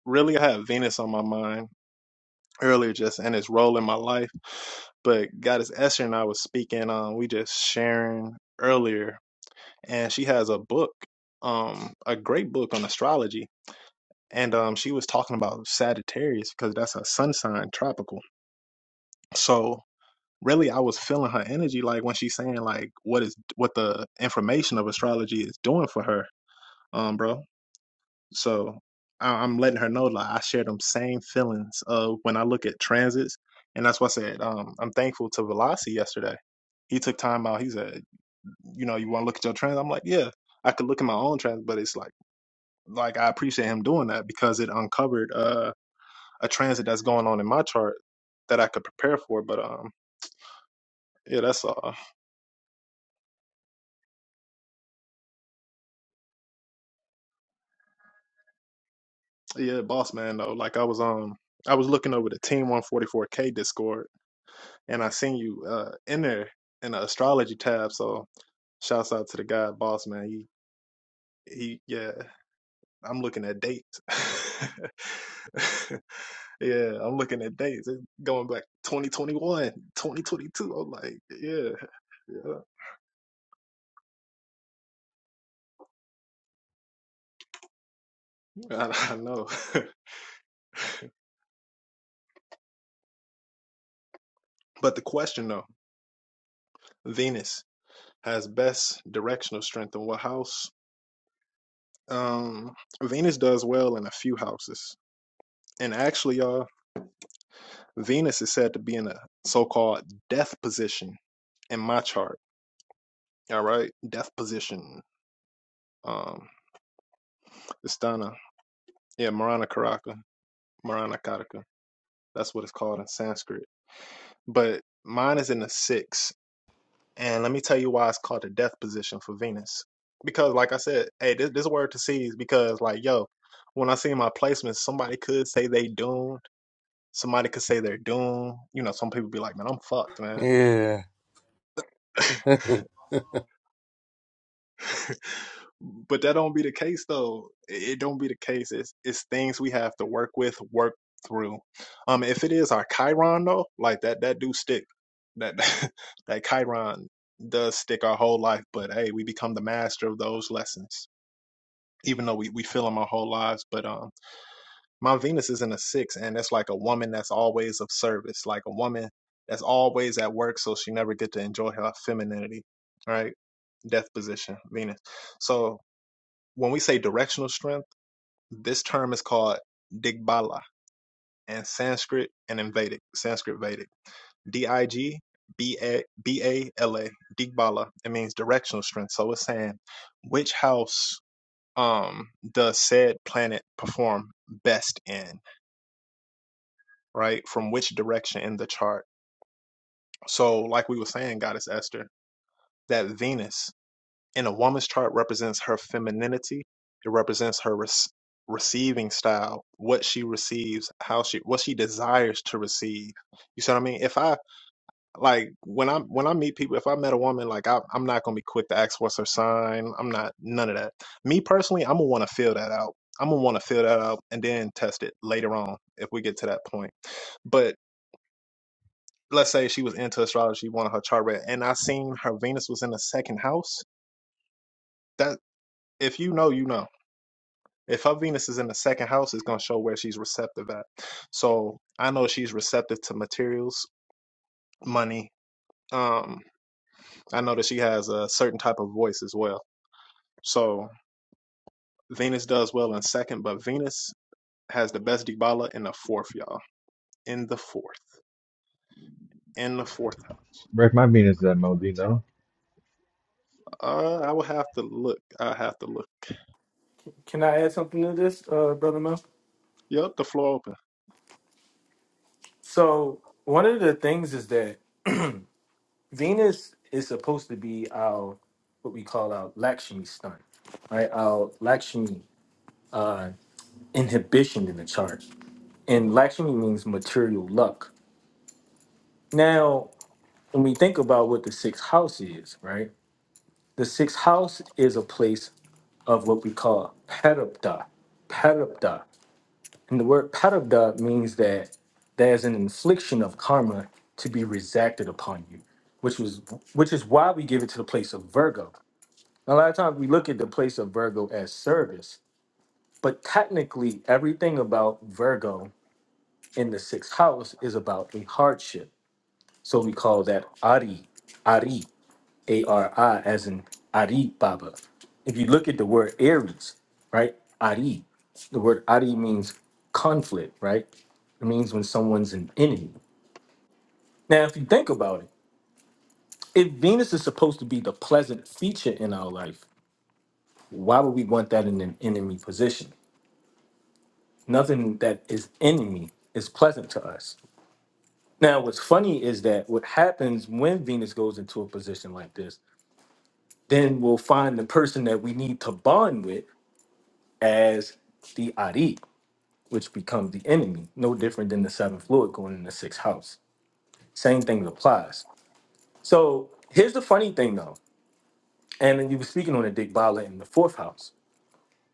[SPEAKER 1] really, I had Venus on my mind earlier, just and its role in my life. But Goddess Esther and I was speaking Um, We just sharing earlier, and she has a book, um, a great book on astrology. And um, she was talking about Sagittarius because that's a sun sign, tropical. So really, I was feeling her energy, like when she's saying like what is what the information of astrology is doing for her, um, bro. So I- I'm letting her know like I share them same feelings of when I look at transits, and that's why I said um, I'm thankful to Velasi yesterday. He took time out. He said, you know, you want to look at your transit? I'm like, yeah, I could look at my own transit, but it's like, like I appreciate him doing that because it uncovered uh, a transit that's going on in my chart that I could prepare for. But um, yeah, that's uh, yeah, boss man though. Like I was um, I was looking over the Team 144K Discord, and I seen you uh in there in the astrology tab, so. Shouts out to the guy, boss man. He he yeah, I'm looking at dates. [laughs] yeah, I'm looking at dates. It's going back 2021, 2022. I'm like, yeah, yeah. I, I know. [laughs] but the question though, Venus has best directional strength in what house? Um Venus does well in a few houses. And actually, y'all, Venus is said to be in a so-called death position in my chart. All right. Death position. Um, Istana. Yeah, Marana Karaka. Marana Karaka. That's what it's called in Sanskrit. But mine is in the six. And let me tell you why it's called the death position for Venus. Because, like I said, hey, this, this word to see is because, like, yo, when I see my placements, somebody could say they doomed. Somebody could say they're doomed. You know, some people be like, man, I'm fucked, man.
[SPEAKER 4] Yeah.
[SPEAKER 1] [laughs]
[SPEAKER 4] [laughs] yep.
[SPEAKER 1] but that don't be the case though. It it don't be the case. It's it's things we have to work with, work through. Um, if it is our Chiron though, like that that do stick. That [laughs] that Chiron does stick our whole life. But hey, we become the master of those lessons, even though we we feel them our whole lives. But um, my Venus is in a six, and it's like a woman that's always of service, like a woman that's always at work, so she never get to enjoy her femininity. All Right, death position, Venus. So when we say directional strength, this term is called digbala in Sanskrit and in Vedic, Sanskrit Vedic. D I G B A B A L A, digbala. It means directional strength. So it's saying which house um does said planet perform best in, right? From which direction in the chart. So like we were saying, Goddess Esther, that Venus And a woman's chart represents her femininity. It represents her res- receiving style, what she receives, how she, what she desires to receive. You see what I mean? If I like when I when I meet people, if I met a woman, like I, I'm not gonna be quick to ask what's her sign. I'm not none of that. Me personally, I'm gonna want to feel that out. I'm gonna want to feel that out and then test it later on if we get to that point. But let's say she was into astrology, she wanted her chart read, and I seen her Venus was in the second house. That if you know, you know. If her Venus is in the second house, it's going to show where she's receptive at. So I know she's receptive to materials, money. Um, I know that she has a certain type of voice as well. So Venus does well in second, but Venus has the best Dibala in the fourth, y'all. In the fourth. In the fourth.
[SPEAKER 3] Where's my Venus that Mo? Do you know?
[SPEAKER 1] Uh, I would have to look. I have to look.
[SPEAKER 7] Can I add something to this, uh, Brother Mo?
[SPEAKER 1] Yep, the floor open.
[SPEAKER 7] So, one of the things is that Venus is supposed to be our, what we call our Lakshmi stunt, right? Our Lakshmi uh, inhibition in the chart. And Lakshmi means material luck. Now, when we think about what the sixth house is, right? The sixth house is a place of what we call Parapta. Parapta. And the word parabda means that there's an infliction of karma to be exacted upon you, which was which is why we give it to the place of Virgo. A lot of times we look at the place of Virgo as service, but technically everything about Virgo in the sixth house is about a hardship. So we call that Ari, Ari. A R I, as in Ari Baba. If you look at the word Aries, right? Ari, the word Ari means conflict, right? It means when someone's an enemy. Now, if you think about it, if Venus is supposed to be the pleasant feature in our life, why would we want that in an enemy position? Nothing that is enemy is pleasant to us. Now, what's funny is that what happens when Venus goes into a position like this, then we'll find the person that we need to bond with as the Ari, which becomes the enemy, no different than the seventh fluid going in the sixth house. Same thing applies. So here's the funny thing though, and then you were speaking on the Dick Bala in the fourth house.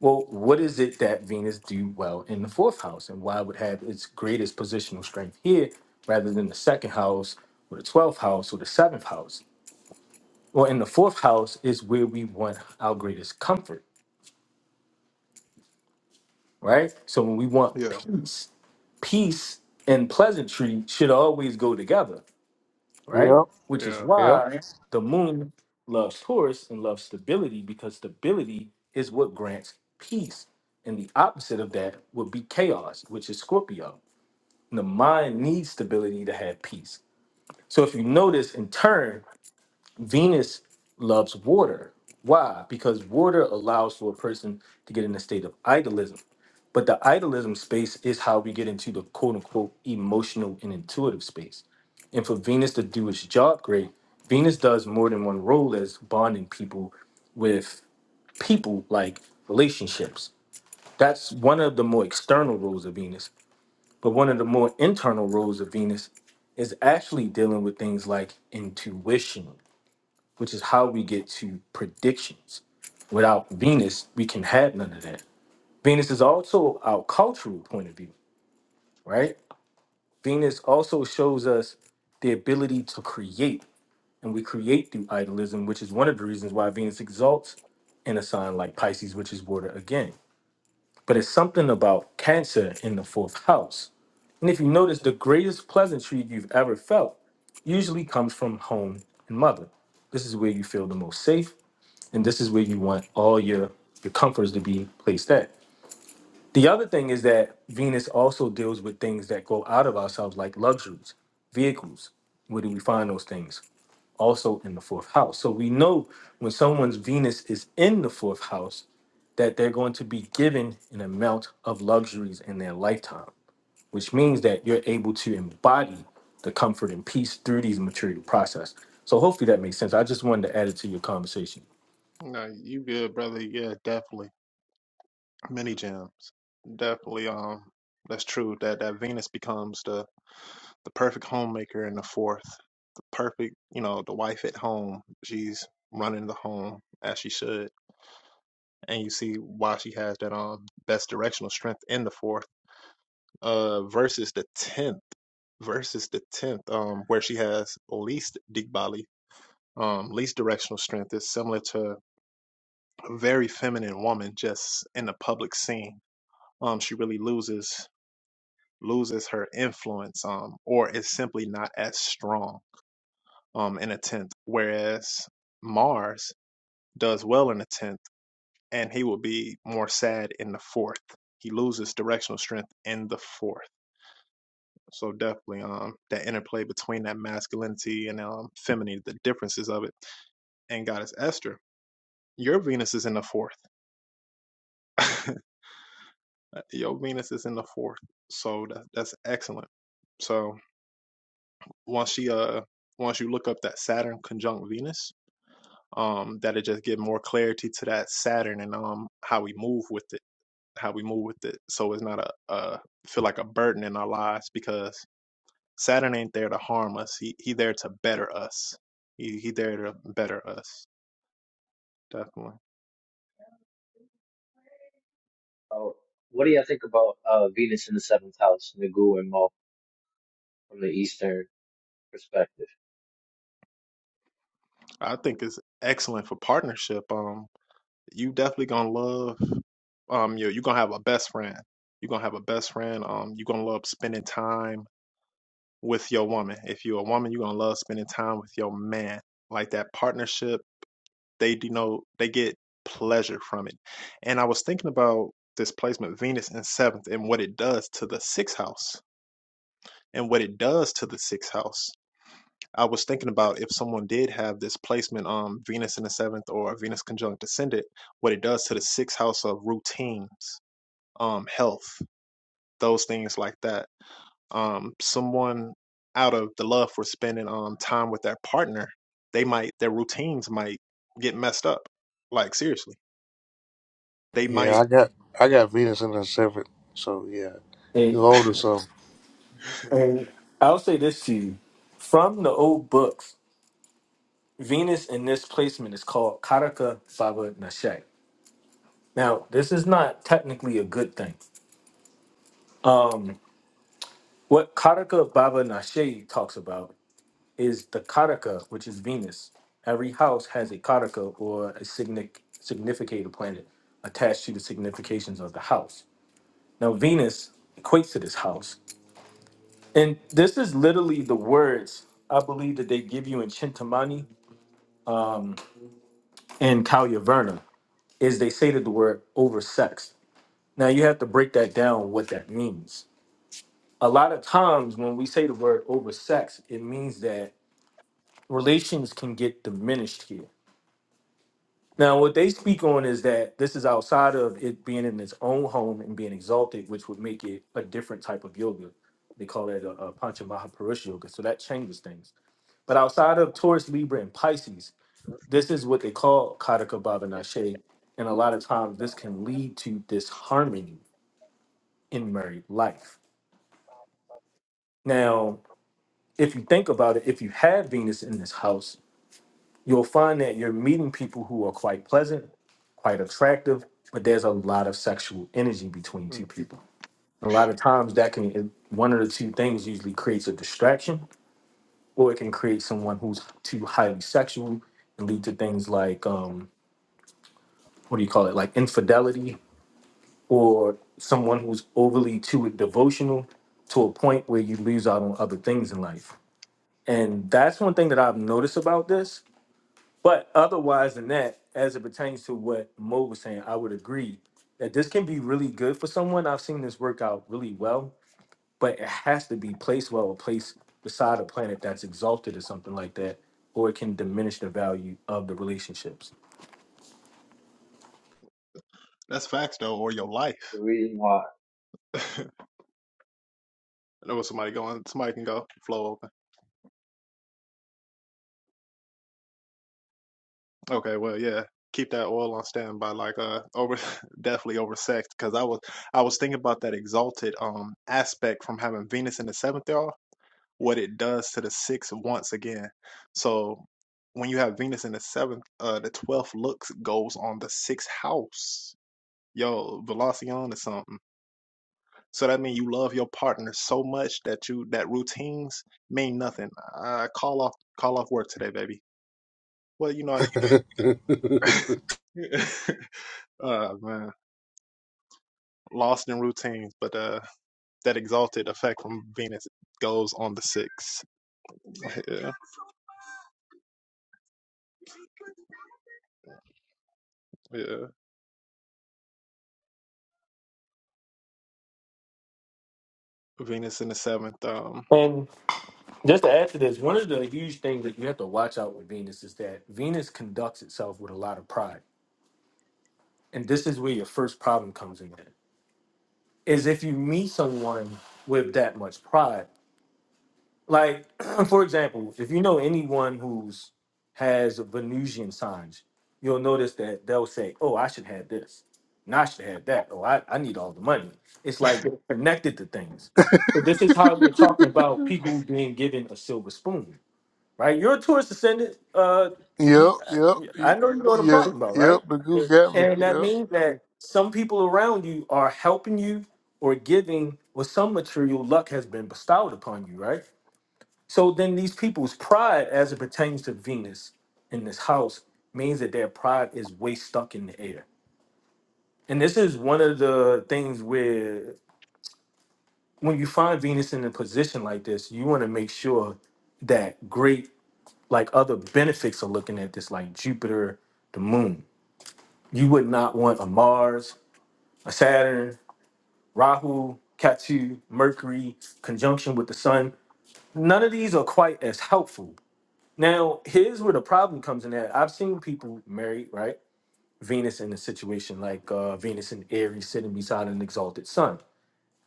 [SPEAKER 7] Well, what is it that Venus do well in the fourth house, and why would have its greatest positional strength here rather than the second house or the twelfth house or the seventh house? Well, in the fourth house is where we want our greatest comfort, right? So when we want
[SPEAKER 1] Yeah,
[SPEAKER 7] peace, peace and pleasantry should always go together, right? Which is
[SPEAKER 1] yeah.
[SPEAKER 4] Yep.
[SPEAKER 7] why the moon loves Taurus and loves stability because stability is what grants peace. And the opposite of that would be chaos, which is Scorpio. And the mind needs stability to have peace. So if you notice in turn, Venus loves water. Why? Because water allows for a person to get in a state of idolism. But the idolism space is how we get into the quote unquote emotional and intuitive space. And for Venus to do its job great, Venus does more than one role as bonding people with people like relationships. That's one of the more external roles of Venus. But one of the more internal roles of Venus is actually dealing with things like intuition which is how we get to predictions. Without Venus, we can have none of that. Venus is also our cultural point of view, right? Venus also shows us the ability to create, and we create through idolism, which is one of the reasons why Venus exalts in a sign like Pisces, which is water again. But it's something about Cancer in the fourth house. And if you notice, the greatest pleasantry you've ever felt usually comes from home and mother. This is where you feel the most safe and this is where you want all your your comforts to be placed at the other thing is that venus also deals with things that go out of ourselves like luxuries vehicles where do we find those things also in the fourth house so we know when someone's venus is in the fourth house that they're going to be given an amount of luxuries in their lifetime which means that you're able to embody the comfort and peace through these material process so hopefully that makes sense i just wanted to add it to your conversation
[SPEAKER 1] No, you good, brother. Yeah, definitely. Many gems. Definitely. Um, that's true. That that Venus becomes the the perfect homemaker in the fourth, the perfect, you know, the wife at home. She's running the home as she should. And you see why she has that um best directional strength in the fourth, uh versus the tenth, versus the tenth, um, where she has least Digbali, um, least directional strength is similar to a very feminine woman just in the public scene. Um, she really loses loses her influence, um, or is simply not as strong um, in a tenth, whereas Mars does well in a tenth, and he will be more sad in the fourth. He loses directional strength in the fourth. So definitely, um, that interplay between that masculinity and um, femininity, the differences of it, and Goddess Esther, your Venus is in the fourth. [laughs] your Venus is in the fourth, so that, that's excellent. So once she uh once you look up that Saturn conjunct Venus, um that'll just give more clarity to that saturn and um how we move with it how we move with it so it's not a, a feel like a burden in our lives because saturn ain't there to harm us he he there to better us he, he there to better us definitely
[SPEAKER 6] Oh, what do you all think about uh, Venus in the seventh house, Nagu and Mo, from the Eastern perspective?
[SPEAKER 1] i think it's excellent for partnership um you definitely gonna love um you you're gonna have a best friend you're gonna have a best friend um you're gonna love spending time with your woman if you're a woman you're gonna love spending time with your man like that partnership they denote they get pleasure from it. And I was thinking about this placement Venus in seventh and what it does to the sixth house and what it does to the sixth house. I was thinking about if someone did have this placement um Venus in the seventh or Venus conjunct ascendant, what it does to the sixth house of routines, um, health, those things like that. Um, someone out of the love for spending um time with their partner, they might their routines might get messed up. Like seriously. They might
[SPEAKER 4] Yeah, I got I got Venus in the seventh, so yeah, he's
[SPEAKER 7] Hey.
[SPEAKER 4] older,
[SPEAKER 1] [laughs]
[SPEAKER 4] so.
[SPEAKER 7] And I'll say this to you. From the old books, Venus in this placement is called Karaka Baba Nashe. Now, this is not technically a good thing. Um, what Karaka Baba Nashe talks about is the Karaka, which is Venus. Every house has a Karaka or a signic- significator planet attached to the significations of the house. Now, Venus equates to this house. And this is literally the words I believe that they give you in Chintamani and Talia Verna is they say that the word oversexed. Now you have to break that down what that means. A lot of times when we say the word oversexed, it means that relations can get diminished here. Now what they speak on is that this is outside of it being in its own home and being exalted, which would make it a different type of yoga. They call it a, a Panchamahaparusha yoga, so that changes things. But outside of Taurus, Libra, and Pisces, This is what they call Kataka Babanashe. And a lot of times this can lead to disharmony in married life. Now, if you think about it, if you have Venus in this house, you'll find that you're meeting people who are quite pleasant, quite attractive, but there's a lot of sexual energy between two people. A lot of times that can it- one of the two things usually creates a distraction, or it can create someone who's too highly sexual and lead to things like um, what do you call it, like infidelity or someone who's overly too devotional to a point where you lose out on other things in life. And that's one thing that I've noticed about this. But otherwise than that, as it pertains to what Mo was saying, I would agree that this can be really good for someone. I've seen this work out really well, but it has to be placed well or placed beside a planet that's exalted or something like that, or it can diminish the value of the relationships.
[SPEAKER 1] That's facts though, or your
[SPEAKER 6] The
[SPEAKER 1] life.
[SPEAKER 6] reason why.
[SPEAKER 1] [laughs] I know what somebody going. Somebody can go flow open. Okay, well, yeah, keep that oil on standby. Like, uh, over [laughs] definitely over sex because I was I was thinking about that exalted um aspect from having Venus in the seventh y'all. What it does to the sixth once again. So when you have Venus in the seventh, uh, the twelfth looks goes on the sixth house. Yo, Velocion or something. So that means you love your partner so much that you that routines mean nothing. Uh, call off, call off work today, baby. Well, you know I
[SPEAKER 4] [laughs]
[SPEAKER 1] need to go. [laughs] Oh man, lost in routines, but uh, that exalted effect from Venus goes on the sixth. Yeah, yeah. Venus in the seventh. Um,
[SPEAKER 7] And Just to add to this, one of the huge things that you have to watch out with Venus is that Venus conducts itself with a lot of pride. And this is where your first problem comes in. Is if you meet someone with that much pride. Like, [clears throat] for example, if you know anyone who's has Venusian signs, you'll notice that they'll say, Oh, I should have this. And I should have that. Oh, I, I need all the money. It's like they're connected to things. So this is how we are talking about people being given a silver spoon right? You're a tourist descendant. Uh, you,
[SPEAKER 4] Yep. Yep.
[SPEAKER 7] I
[SPEAKER 4] y-
[SPEAKER 7] I know you know what I'm
[SPEAKER 4] Yeah.
[SPEAKER 7] talking about,
[SPEAKER 4] Yep.
[SPEAKER 7] right?
[SPEAKER 4] The goose got me.
[SPEAKER 7] And that
[SPEAKER 4] Yep.
[SPEAKER 7] means that some people around you are helping you or giving, or some material luck has been bestowed upon you, right? So then these people's pride, as it pertains to Venus in this house, means that their pride is way stuck in the air. And this is one of the things where when you find Venus in a position like this, you want to make sure that great like other benefits of looking at this, like Jupiter, the moon. You would not want a Mars, a Saturn, Rahu, Ketu, Mercury, conjunction with the sun. None of these are quite as helpful. Now, here's where the problem comes in at. I've seen people married, right? Venus in a situation like uh, Venus in Aries sitting beside an exalted sun.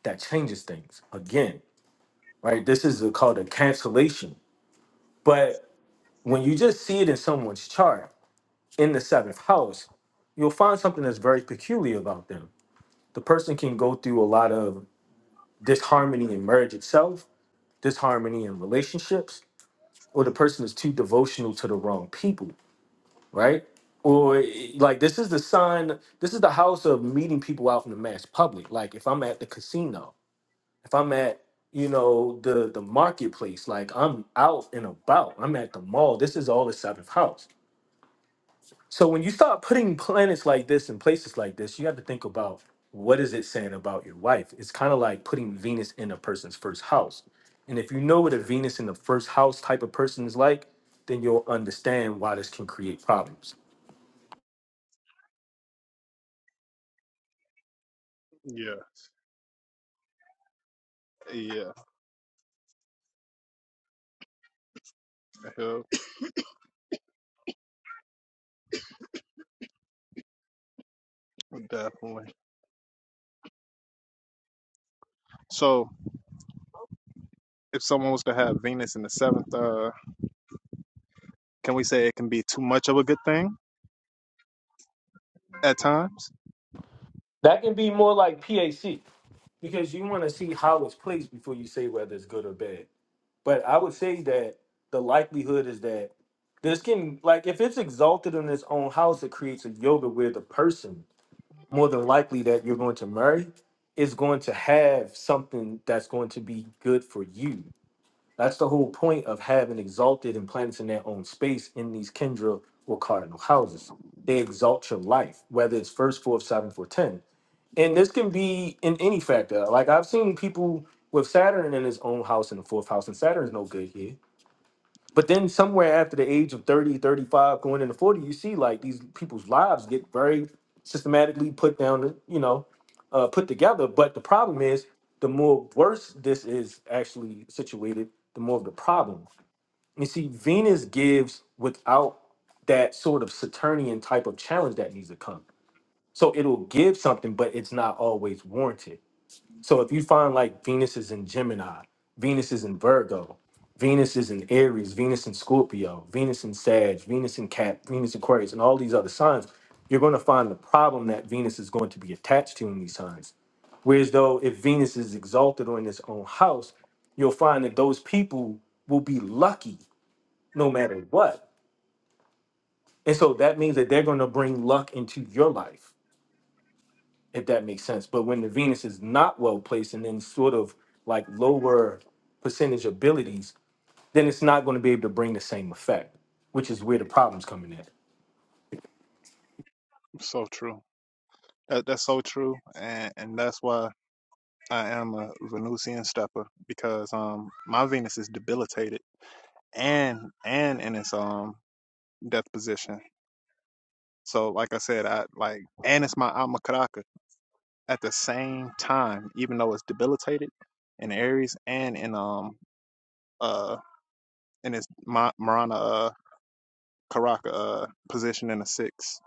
[SPEAKER 7] That changes things again, right? This is a, called a cancellation. But when you just see it in someone's chart, in the seventh house, you'll find something that's very peculiar about them. The person can go through a lot of disharmony in marriage itself, disharmony in relationships, or the person is too devotional to the wrong people, right? Or like this is the sign, this is the house of meeting people out in the mass public. Like if I'm at the casino, if I'm at you know the the marketplace, like I'm out and about, I'm at the mall. This is all the seventh house So when you start putting planets like this in places like this, you have to think about what is it saying about your wife. It's kind of like putting Venus in a person's first house. And if you know what a Venus in the first house type of person is like, then you'll understand why this can create problems.
[SPEAKER 1] yeah, yeah, yeah, definitely. So if someone was to have Venus in the seventh, uh, can we say it can be too much of a good thing at times?
[SPEAKER 7] That can be more like PAC because you want to see how it's placed before you say whether it's good or bad. But I would say that the likelihood is that this can like if it's exalted in its own house, it creates a yoga where the person more than likely that you're going to marry is going to have something that's going to be good for you. That's the whole point of having exalted and planets in their own space in these Kendra or cardinal houses. They exalt your life, whether it's first, fourth, seventh, or ten. And this can be in any factor. Like I've seen people with Saturn in his own house in the fourth house, and Saturn's no good here but then somewhere after the age of 30, 35, going into 40, you see like these people's lives get very systematically put down, you know, uh, put together. But the problem is the more worse this is actually situated, the more of the problem. You see, Venus gives without that sort of Saturnian type of challenge that needs to come. So it'll give something, but it's not always warranted. So if you find like Venus is in Gemini, Venus is in Virgo, Venus is in Aries, Venus in Scorpio, Venus in Sag, Venus in Cap, Venus in Aquarius, and all these other signs, you're going to find the problem that Venus is going to be attached to in these signs. Whereas though if Venus is exalted or in its own house, you'll find that those people will be lucky no matter what. And so that means that they're going to bring luck into your life if that makes sense. But when the Venus is not well placed and then sort of like lower percentage abilities, then it's not going to be able to bring the same effect, which is where the problem's coming in.
[SPEAKER 1] So true. That, that's so true, and and that's why I am a Venusian stepper because um my Venus is debilitated and and in its um death position. So like I said, I like and it's my alma caraca at the same time, even though it's debilitated in Aries and in um uh in its my Marana uh, Karaka uh, position in the six.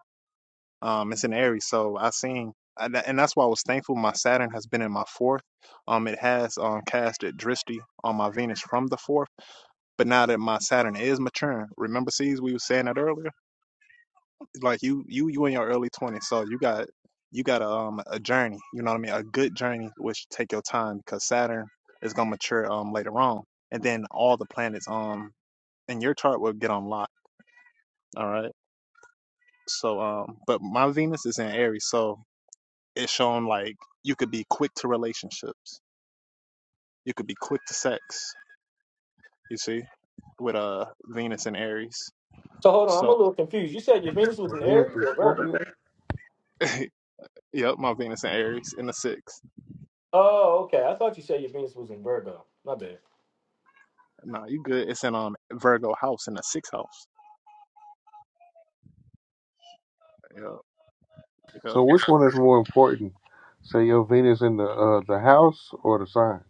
[SPEAKER 1] Um, it's in Aries, so I seen, and that's why I was thankful. My Saturn has been in my fourth. Um, it has um cast at Drishti on my Venus from the fourth. But now that my Saturn is maturing, remember, sees we were saying that earlier. Like you, you, you in your early twenties, so you got you got a um a journey. You know what I mean? A good journey, which take your time because Saturn is gonna mature um later on, and then all the planets um in your chart will get unlocked. All right So, um, but my Venus is in Aries, so it's shown like you could be quick to relationships, you could be quick to sex. You see, with uh Venus in Aries.
[SPEAKER 7] So hold on, I'm a
[SPEAKER 1] So,
[SPEAKER 7] little confused. You said your Venus was in
[SPEAKER 4] Venus
[SPEAKER 7] Aries
[SPEAKER 4] is
[SPEAKER 7] or Virgo?
[SPEAKER 4] Scorpio.
[SPEAKER 1] [laughs] yep, my Venus in Aries in the sixth.
[SPEAKER 7] Oh, okay. I thought you said your Venus was in Virgo. My bad.
[SPEAKER 1] Nah, you good? It's in um Virgo house in the sixth house. Yep, yep,
[SPEAKER 4] So which one is more important? Say your Venus in the uh, the house or the sign?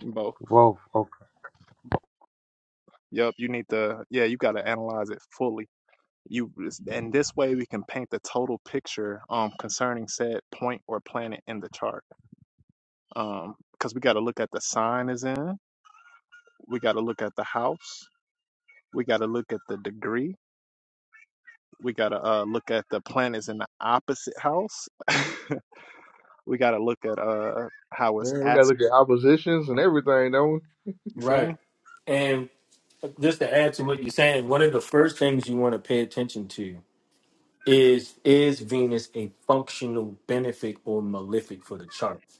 [SPEAKER 1] both. Bo-
[SPEAKER 4] Both. Okay.
[SPEAKER 1] Yep, you need to. Yeah, you got to analyze it fully. You and this way we can paint the total picture um concerning said point or planet in the chart. Um, because we got to look at the sign is in, we got to look at the house, we got to look at the degree, we got to uh, look at the planets in the opposite house, [laughs] we got to look at uh how it's
[SPEAKER 4] Then we gotta
[SPEAKER 1] aspect.
[SPEAKER 4] look at oppositions and everything, don't we?
[SPEAKER 1] You feel me?
[SPEAKER 7] Right. And just to add to what you're saying, one of the first things you want to pay attention to is is Venus a functional benefit or malefic for the chart?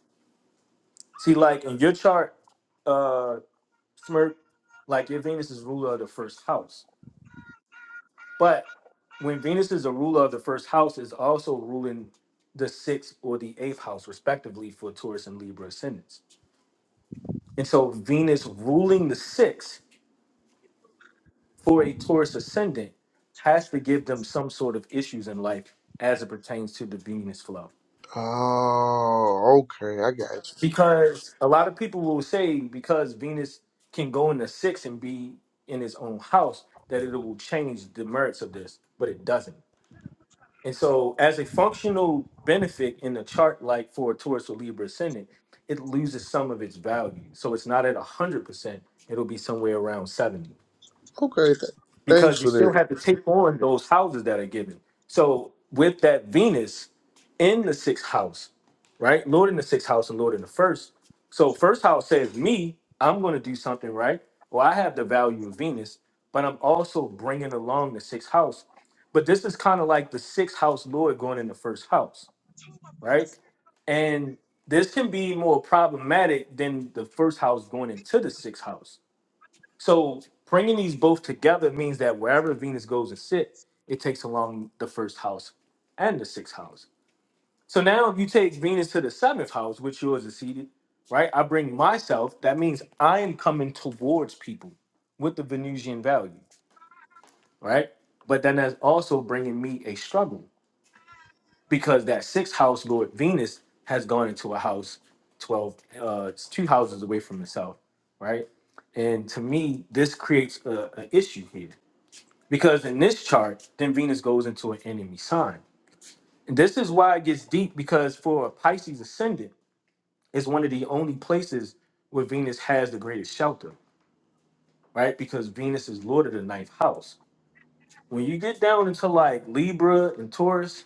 [SPEAKER 7] See, like in your chart, uh, Smirk, like your Venus is ruler of the first house. But when Venus is a ruler of the first house, is also ruling the sixth or the eighth house, respectively, for Taurus and Libra ascendants. And so Venus ruling the sixth for a Taurus ascendant has to give them some sort of issues in life as it pertains to the Venus flow.
[SPEAKER 4] Oh, okay. I got you.
[SPEAKER 7] because a lot of people will say because Venus can go into six and be in his own house that it will change the merits of this, but it doesn't. And so, as a functional benefit in a chart like for a Taurus or Libra ascendant, it loses some of its value. So it's not at one hundred percent; it'll be somewhere around seventy
[SPEAKER 4] Okay. Th- thanks
[SPEAKER 7] because you
[SPEAKER 4] for
[SPEAKER 7] still
[SPEAKER 4] that.
[SPEAKER 7] have to take on those houses that are given. So with that Venus in the sixth house, right? Lord in the sixth house and Lord in the first. So first house says me, I'm going to do something right. Well, I have the value of Venus, but I'm also bringing along the sixth house. But this is kind of like the sixth house Lord going in the first house, right? And this can be more problematic than the first house going into the sixth house so bringing these both together means that wherever Venus goes and sit, it takes along the first house and the sixth house. So now if you take Venus to the seventh house, which yours is seated, right? I bring myself. That means I am coming towards people with the Venusian value, right? But then that's also bringing me a struggle because that sixth house lord Venus has gone into a house 12, uh, it's two houses away from itself, right? And to me, this creates a, an issue here Because in this chart, then Venus goes into an enemy sign. And this is why it gets deep because for a Pisces ascendant, it's one of the only places where Venus has the greatest shelter, right? Because Venus is Lord of the ninth house. When you get down into like Libra and Taurus,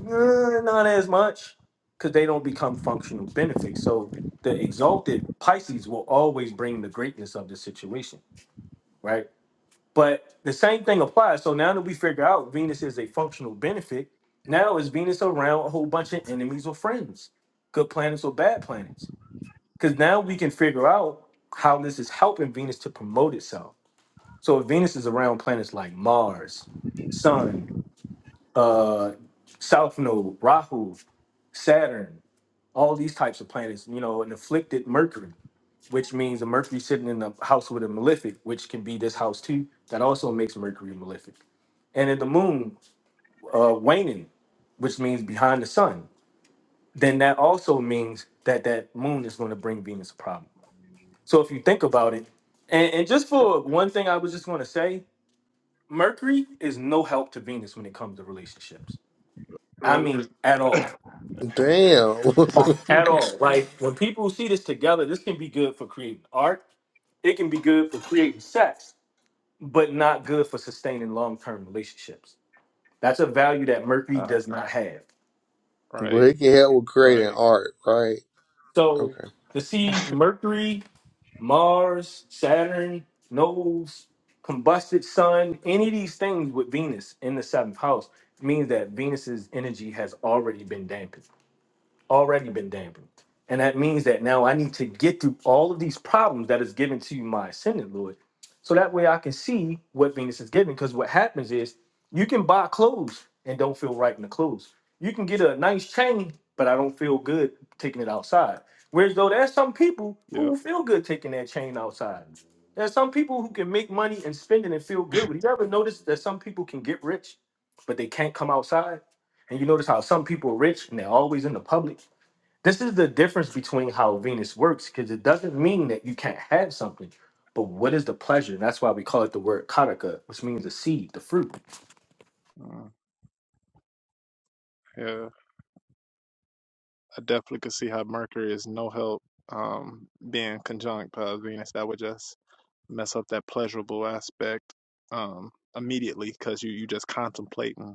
[SPEAKER 7] eh, not as much because they don't become functional benefits. So the exalted Pisces will always bring the greatness of the situation, right? But the same thing applies. So now that we figure out Venus is a functional benefit, now is Venus around a whole bunch of enemies or friends, good planets or bad planets? Because now we can figure out how this is helping Venus to promote itself. So if Venus is around planets like Mars, Sun, uh, South Node, Rahu, Saturn, all these types of planets, you know, and afflicted Mercury which means a Mercury sitting in the house with a malefic, which can be this house too. That also makes Mercury malefic. And in the moon, uh, waning, which means behind the sun, then that also means that that moon is going to bring Venus a problem. So if you think about it, and, and just for one thing, I was just going to say, Mercury is no help to Venus when it comes to relationships. I
[SPEAKER 1] Really?
[SPEAKER 7] mean, at all.
[SPEAKER 4] Damn.
[SPEAKER 7] Like, at all.
[SPEAKER 4] [laughs]
[SPEAKER 7] Like, when people see this together, this can be good for creating art. It can be good for creating sex but not good for sustaining long term relationships. That's a value that Mercury
[SPEAKER 1] Uh,
[SPEAKER 7] does not have.
[SPEAKER 4] but
[SPEAKER 1] right,
[SPEAKER 4] it can help with creating
[SPEAKER 1] right.
[SPEAKER 4] art, right?
[SPEAKER 7] So
[SPEAKER 4] Okay.
[SPEAKER 7] to see Mercury, Mars, Saturn, Nodes, combusted Sun, any of these things with Venus in the seventh house means that Venus's energy has already been dampened. already been dampened. And that means that now I need to get through all of these problems that is given to my ascendant, Lord. So that way I can see what Venus is giving. Because what happens is you can buy clothes and don't feel right in the clothes. You can get a nice chain, but I don't feel good taking it outside. Whereas though there's some people
[SPEAKER 1] Yep.
[SPEAKER 7] who feel good taking that chain outside. There's some people who can make money and spend it and feel good. But you ever notice that some people can get rich, but they can't come outside? And you notice how some people are rich and they're always in the public this is the difference between how Venus works because it doesn't mean that you can't have something, but what is the pleasure? And that's why we call it the word karaka, which means the seed, the fruit.
[SPEAKER 1] Uh, yeah, I definitely could see how Mercury is no help um being conjunct by Venus. That would just mess up that pleasurable aspect um immediately because you you just contemplating.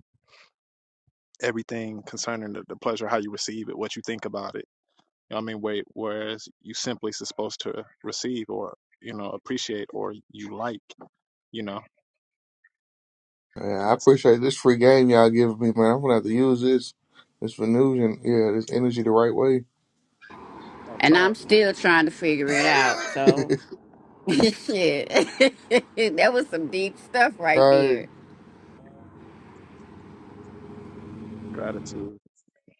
[SPEAKER 1] everything concerning the, the pleasure, how you receive it, what you think about it. You know what I mean? Wait, whereas you simply supposed to receive or, you know, appreciate or you like, you know,
[SPEAKER 4] Yeah,
[SPEAKER 1] and
[SPEAKER 4] I
[SPEAKER 1] that's it.
[SPEAKER 4] appreciate this free game y'all giving me, man. I'm gonna have to use this this Venusian, yeah, this energy the right way.
[SPEAKER 1] Off
[SPEAKER 5] And
[SPEAKER 1] top,
[SPEAKER 5] I'm still trying to figure it out. So
[SPEAKER 4] [laughs]
[SPEAKER 5] [laughs] shit, [laughs] that was some deep stuff right
[SPEAKER 4] right.
[SPEAKER 5] there.
[SPEAKER 1] gratitude.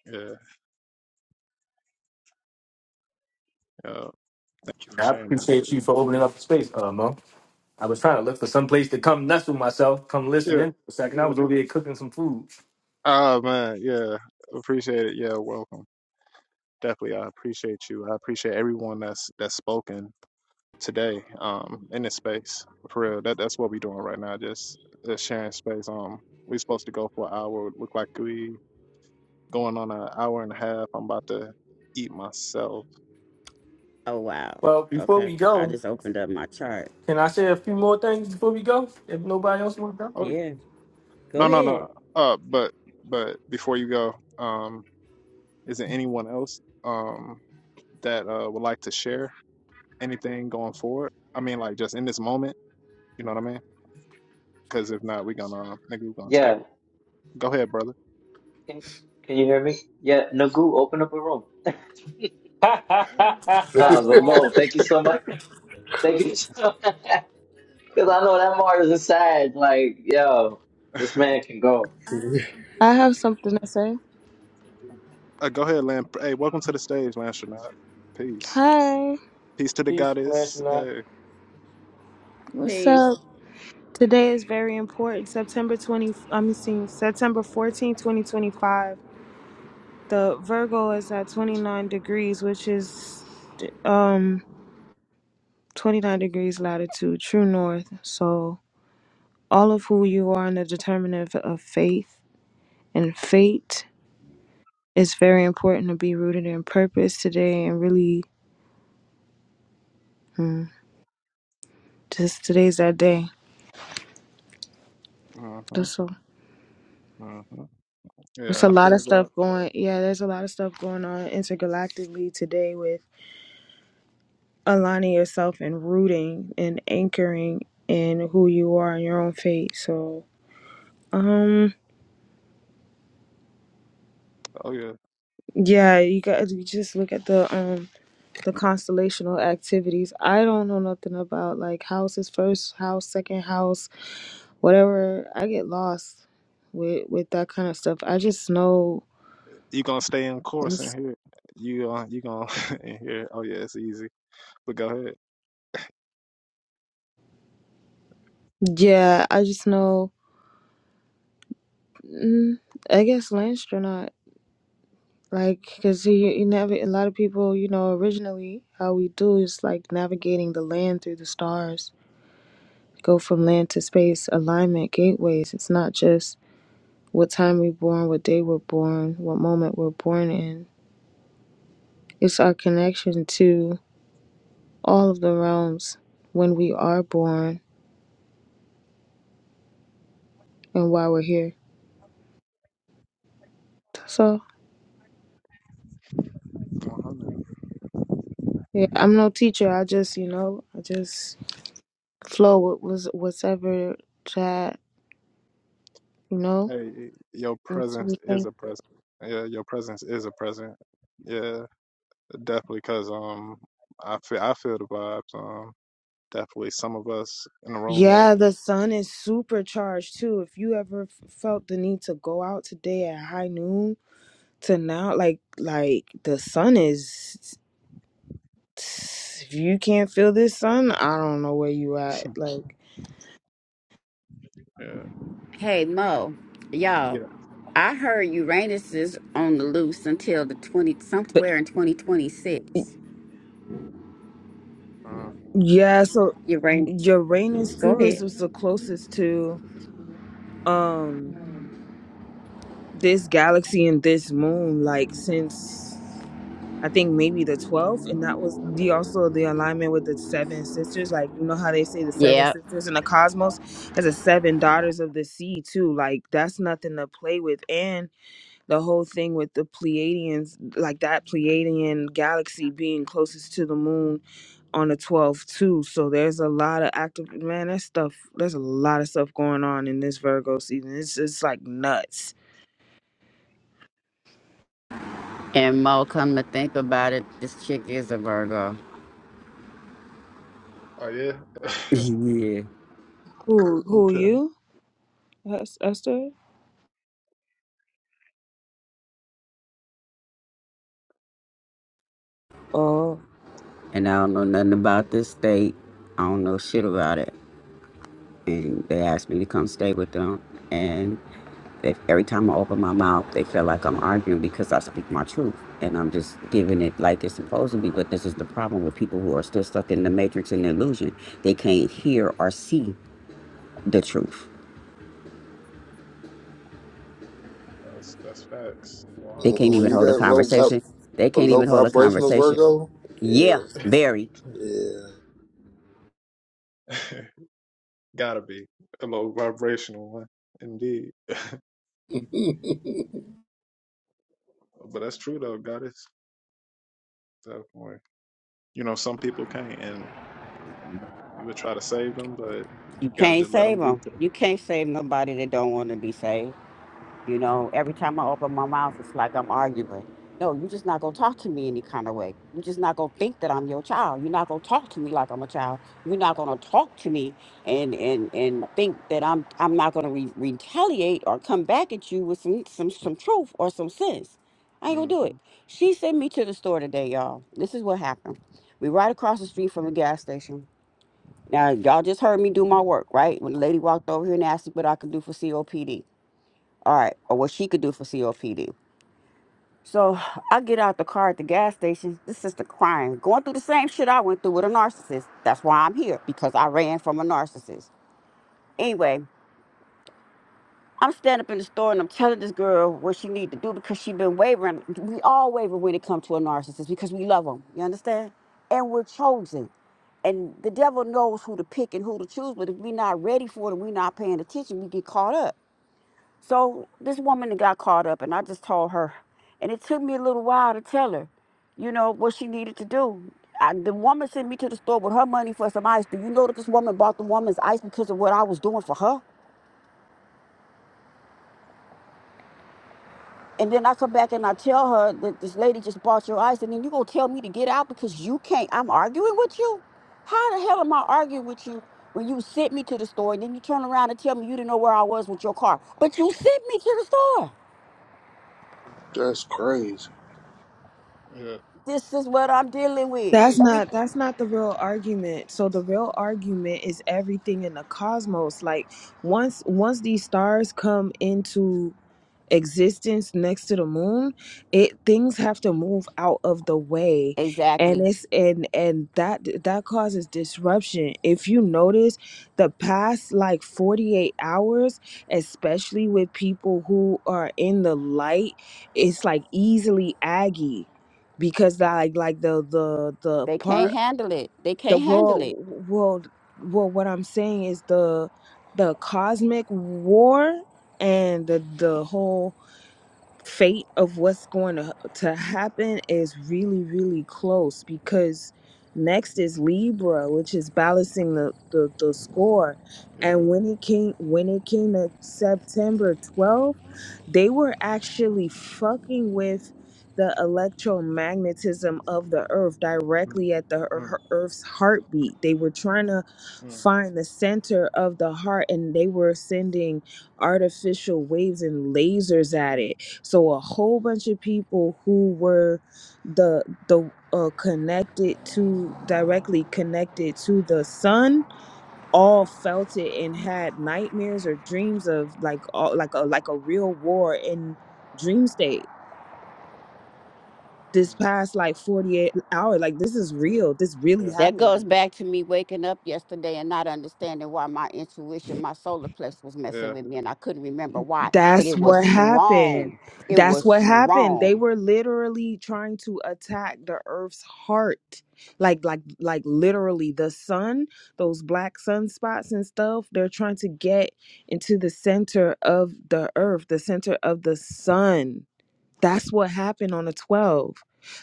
[SPEAKER 1] Yeah. Uh, thank you
[SPEAKER 7] And
[SPEAKER 1] for
[SPEAKER 7] I
[SPEAKER 1] sharing that.
[SPEAKER 7] appreciate you for opening up the space, uh, Mo. I was trying to look for some place to come nestle myself, come listen
[SPEAKER 1] Yeah.
[SPEAKER 7] in for a second. I
[SPEAKER 1] Yeah.
[SPEAKER 7] was over here cooking some food.
[SPEAKER 1] Oh, man. Yeah. Appreciate it. Yeah. Welcome. Definitely. I appreciate you. I appreciate everyone that's, that's spoken today um in this space for real that that's what we're doing right now just uh, sharing space um we supposed to go for an hour look like we going on an hour and a half i'm about to eat myself
[SPEAKER 5] Oh wow.
[SPEAKER 7] Well, before
[SPEAKER 5] Okay,
[SPEAKER 7] we
[SPEAKER 5] I
[SPEAKER 7] go,
[SPEAKER 5] just opened up my chart.
[SPEAKER 7] can I say a few more things before we go? If nobody else wants to
[SPEAKER 1] oh
[SPEAKER 5] Yeah, go
[SPEAKER 1] no no no
[SPEAKER 5] ahead,
[SPEAKER 1] uh but but before you go um is there anyone else um that uh would like to share anything going forward i mean like just in this moment you know what i mean because if not we're gonna nigga we're gonna take
[SPEAKER 6] Yeah,
[SPEAKER 1] it go ahead brother
[SPEAKER 6] can can you hear me? Yeah, Nagu, open up a room. [laughs]
[SPEAKER 4] [laughs]
[SPEAKER 6] Nah, but
[SPEAKER 7] go?
[SPEAKER 6] Mo, thank you so much. Thank you so [laughs] much. Because I know that Mars is sad. Like, yo, this man can go.
[SPEAKER 8] I have something to say.
[SPEAKER 1] uh, go ahead lamp hey welcome to the stage lance Renard. peace
[SPEAKER 8] Hi,
[SPEAKER 1] Peace to
[SPEAKER 7] [laughs]
[SPEAKER 1] the
[SPEAKER 7] peace, flash
[SPEAKER 1] goddess.
[SPEAKER 7] nut.
[SPEAKER 1] Hey.
[SPEAKER 8] what's
[SPEAKER 5] please.
[SPEAKER 8] up? Today is very important. September 20, I'm seeing September 14, 2025. The Virgo is at 29 degrees, which is um 29 degrees latitude, true north. So, all of who you are and the determinant of faith and fate is very important to be rooted in purpose today and really mm, just today's that day.
[SPEAKER 1] hmm
[SPEAKER 8] That's all.
[SPEAKER 1] hmm
[SPEAKER 8] It's
[SPEAKER 1] Yeah,
[SPEAKER 8] a
[SPEAKER 1] I
[SPEAKER 8] lot of
[SPEAKER 1] feel that.
[SPEAKER 8] stuff going. Yeah, there's a lot of stuff going on intergalactically today with aligning yourself and rooting and anchoring in who you are and your own fate. So, um,
[SPEAKER 1] Oh yeah,
[SPEAKER 8] yeah, you guys you just look at the um the constellational activities. I don't know nothing about like houses, first house, second house, whatever. I get lost with with that kind of stuff. I just know.
[SPEAKER 1] you gonna stay in course in here. You uh, you gonna [laughs] in here. Oh yeah, it's easy. But go ahead.
[SPEAKER 8] Yeah, I just know. Mm, I guess Landstronaut. Like, because you, you never, a lot of people, you know, originally how we do is like navigating the land through the stars, go from land to space, alignment, gateways. It's not just what time we're born, what day we're born, what moment we're born in. It's our connection to all of the realms when we are born and why we're here. That's all.
[SPEAKER 1] 100.
[SPEAKER 8] Yeah, I'm no teacher. I just, you know, I just flow with was whatever that, you know,
[SPEAKER 1] Hey, your
[SPEAKER 8] needs to
[SPEAKER 1] presence
[SPEAKER 8] be said.
[SPEAKER 1] is a present. Yeah, your presence is a present. Yeah, definitely. Cause um, I feel I feel the vibes. Um, definitely some of us in the room may.
[SPEAKER 8] Yeah, the sun is supercharged too. If you ever f- felt the need to go out today at high noon to now, like like the sun is, if you can't feel this sun, I don't know where you at. Like,
[SPEAKER 1] Yeah.
[SPEAKER 5] Hey Mo, y'all.
[SPEAKER 1] Yeah.
[SPEAKER 5] I heard Uranus is on the loose until the twenty
[SPEAKER 8] but
[SPEAKER 5] somewhere in twenty twenty six.
[SPEAKER 1] Mm.
[SPEAKER 8] yeah, so
[SPEAKER 5] Uranus,
[SPEAKER 8] Uranus
[SPEAKER 5] go
[SPEAKER 8] too is
[SPEAKER 5] ahead.
[SPEAKER 8] was the closest to um this galaxy and this moon, like since I think maybe the 12th, and that was the also the alignment with the seven sisters. Like you know how they say the seven
[SPEAKER 5] Yeah.
[SPEAKER 8] sisters in the cosmos as the seven daughters of the sea too. Like that's nothing to play with, and the whole thing with the Pleiadians, like that Pleiadian galaxy being closest to the moon on the 12th too. So there's a lot of active man. That stuff. There's a lot of stuff going on in this Virgo season. It's it's like nuts.
[SPEAKER 5] And Mo, come to think about it, this chick is a Virgo.
[SPEAKER 1] Oh yeah.
[SPEAKER 5] [laughs] yeah.
[SPEAKER 8] Who
[SPEAKER 1] [laughs]
[SPEAKER 8] who
[SPEAKER 1] okay.
[SPEAKER 8] you? Es- Esther? Oh.
[SPEAKER 5] And I don't know nothing about this state. I don't know shit about it. And they asked me to come stay with them. And they, every time I open my mouth, they feel like I'm arguing because I speak my truth. And I'm just giving it like it's supposed to be. But this is the problem with people who are still stuck in the matrix and illusion. They can't hear or see the truth.
[SPEAKER 1] That's that's facts.
[SPEAKER 5] They
[SPEAKER 1] One
[SPEAKER 5] can't
[SPEAKER 4] when
[SPEAKER 5] even
[SPEAKER 4] you
[SPEAKER 5] hold a
[SPEAKER 4] got low
[SPEAKER 5] conversation. They
[SPEAKER 4] A
[SPEAKER 5] can't
[SPEAKER 4] low
[SPEAKER 5] even hold a
[SPEAKER 4] vibrational
[SPEAKER 5] conversation.
[SPEAKER 4] Virgo? Yeah,
[SPEAKER 5] Yeah,
[SPEAKER 1] hundred.
[SPEAKER 5] very.
[SPEAKER 1] [laughs] Gotta be a low vibrational one, indeed.
[SPEAKER 4] yeah.
[SPEAKER 1] But that's true though. God is definitely. You know, some people can't, and you would try to save them, but
[SPEAKER 5] You
[SPEAKER 1] you gotta
[SPEAKER 5] can't
[SPEAKER 1] just let them
[SPEAKER 5] save
[SPEAKER 1] be.
[SPEAKER 5] them. You can't save nobody that don't want to be saved. You know, every time I open my mouth, it's like I'm arguing. No, you're just not gonna talk to me any kind of way. You're just not gonna think that I'm your child. You're not gonna talk to me like I'm a child. You're not gonna talk to me and and and think that I'm I'm not gonna re- retaliate or come back at you with some some some truth or some sense. I ain't gonna
[SPEAKER 1] hmm
[SPEAKER 5] do it. She sent me to the store today, y'all. This is what happened. We right across the street from a gas station now, y'all just heard me do my work, right? When the lady walked over here and asked me what I could do for COPD. All right, or what she could do for COPD. So I get out the car at the gas station. This sister crying, going through the same shit I went through with a narcissist. That's why I'm here, because I ran from a narcissist. Anyway, I'm standing up in the store and I'm telling this girl what she need to do because she been wavering. We all waver when it comes to a narcissist because we love them. You understand? And we're chosen. And the devil knows who to pick and who to choose, but if we're not ready for it and we're not paying attention, we get caught up. So this woman got caught up and I just told her. And it took me a little while to tell her, you know, what she needed to do. I, the woman sent me to the store with her money for some ice. Do you know that this woman bought the woman's ice because of what I was doing for her? And then I come back and I tell her that this lady just bought your ice, and then you gonna tell me to get out because you can't. I'm arguing with you. How the hell am I arguing with you when you sent me to the store and then you turn around and tell me you didn't know where I was with your car, but you sent me to the store.
[SPEAKER 4] [laughs] That's crazy.
[SPEAKER 1] Yeah,
[SPEAKER 5] This is what I'm dealing with.
[SPEAKER 8] That's
[SPEAKER 5] And we
[SPEAKER 8] not that's not the real argument. So the real argument is everything in the cosmos. Like once once these stars come into existence next to the moon it things have to move out of the way and
[SPEAKER 5] exactly.
[SPEAKER 8] it's and and that that causes disruption if you notice the past like 48 hours especially with people who are in the light it's like easily aggy because that like like the the the
[SPEAKER 5] They can't
[SPEAKER 8] part
[SPEAKER 5] handle it. They
[SPEAKER 8] the
[SPEAKER 5] can't handle
[SPEAKER 8] world
[SPEAKER 5] it.
[SPEAKER 8] world well what i'm saying is the the cosmic war and the the whole fate of what's going to, to happen is really really close because next is libra which is balancing the, the the score
[SPEAKER 1] yeah.
[SPEAKER 8] and when it came when it came to september 12th they were actually fucking with the electromagnetism of the earth
[SPEAKER 1] Mm,
[SPEAKER 8] directly at the
[SPEAKER 1] mm,
[SPEAKER 8] ear- earth's heartbeat they were trying to
[SPEAKER 1] mm,
[SPEAKER 8] find the center of the heart and they were sending artificial waves and lasers at
[SPEAKER 1] mm,
[SPEAKER 8] it so a whole bunch of people who were the the uh, connected to directly connected to the sun all felt it and had nightmares or dreams of like all, like a like a real war in dream state this
[SPEAKER 1] mm.
[SPEAKER 8] past like 48 hour like this is
[SPEAKER 1] Yeah,
[SPEAKER 8] real this really
[SPEAKER 1] yeah,
[SPEAKER 5] That
[SPEAKER 8] happened
[SPEAKER 5] goes back to me waking up yesterday and not understanding why my intuition, my solar plexus was messing
[SPEAKER 1] yeah,
[SPEAKER 5] with me and I couldn't remember why. And it
[SPEAKER 8] That's
[SPEAKER 5] was
[SPEAKER 8] what happened.
[SPEAKER 5] strong. It
[SPEAKER 8] That's
[SPEAKER 5] was
[SPEAKER 1] yeah.
[SPEAKER 8] what happened. They
[SPEAKER 5] strong.
[SPEAKER 8] were literally trying to attack the earth's heart. Like like like literally the sun, those black sunspots and stuff, they're trying to get into the center of the earth, the center of the sun that's what happened on the 12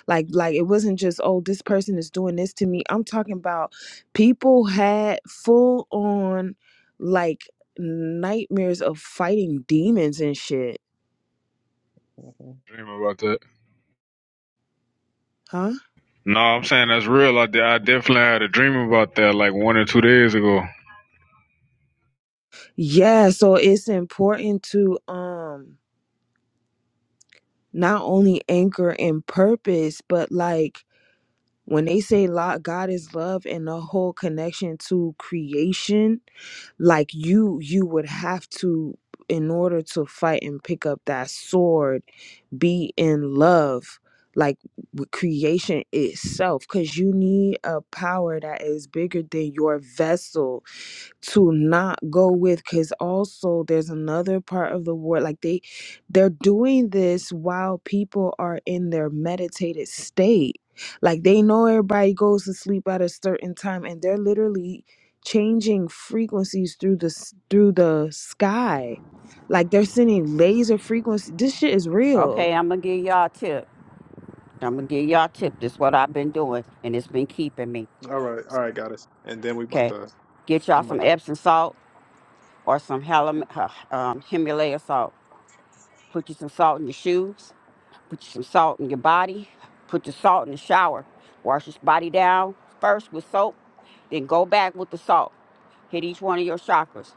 [SPEAKER 8] like like it wasn't just oh this person is doing this to me i'm talking about people had full on like nightmares of fighting demons and shit
[SPEAKER 1] Mhm.
[SPEAKER 9] Dream about that.
[SPEAKER 8] huh
[SPEAKER 9] No, I'm saying that's real. I, I definitely had a dream about that like one or two days ago.
[SPEAKER 8] yeah so it's important to um not only anchor in purpose but like when they say lo- god is love and the whole connection to creation like you you would have to in order to fight and pick up that sword be in love like with creation itself because you need a power that is bigger than your vessel to not go with because also there's another part of the world like they they're doing this while people are in their meditated state like they know everybody goes to sleep at a certain time and they're literally changing frequencies through the s- through the sky like they're sending laser frequency this shit is real
[SPEAKER 5] Okay, I'm gonna give y'all a tip. I'm gonna give y'all a tip. This is what I've been doing and it's been keeping me.
[SPEAKER 1] All right, all right, got us. And then we about
[SPEAKER 5] Okay.
[SPEAKER 1] to,
[SPEAKER 5] Get y'all
[SPEAKER 1] I'm about
[SPEAKER 5] some
[SPEAKER 1] to.
[SPEAKER 5] Epsom salt or some Hallam, uh, um, Himalaya salt. Put you some salt in your shoes put some salt in your body, put the salt in the shower, wash your body down first with soap, then go back with the salt. Hit each one of your chakras.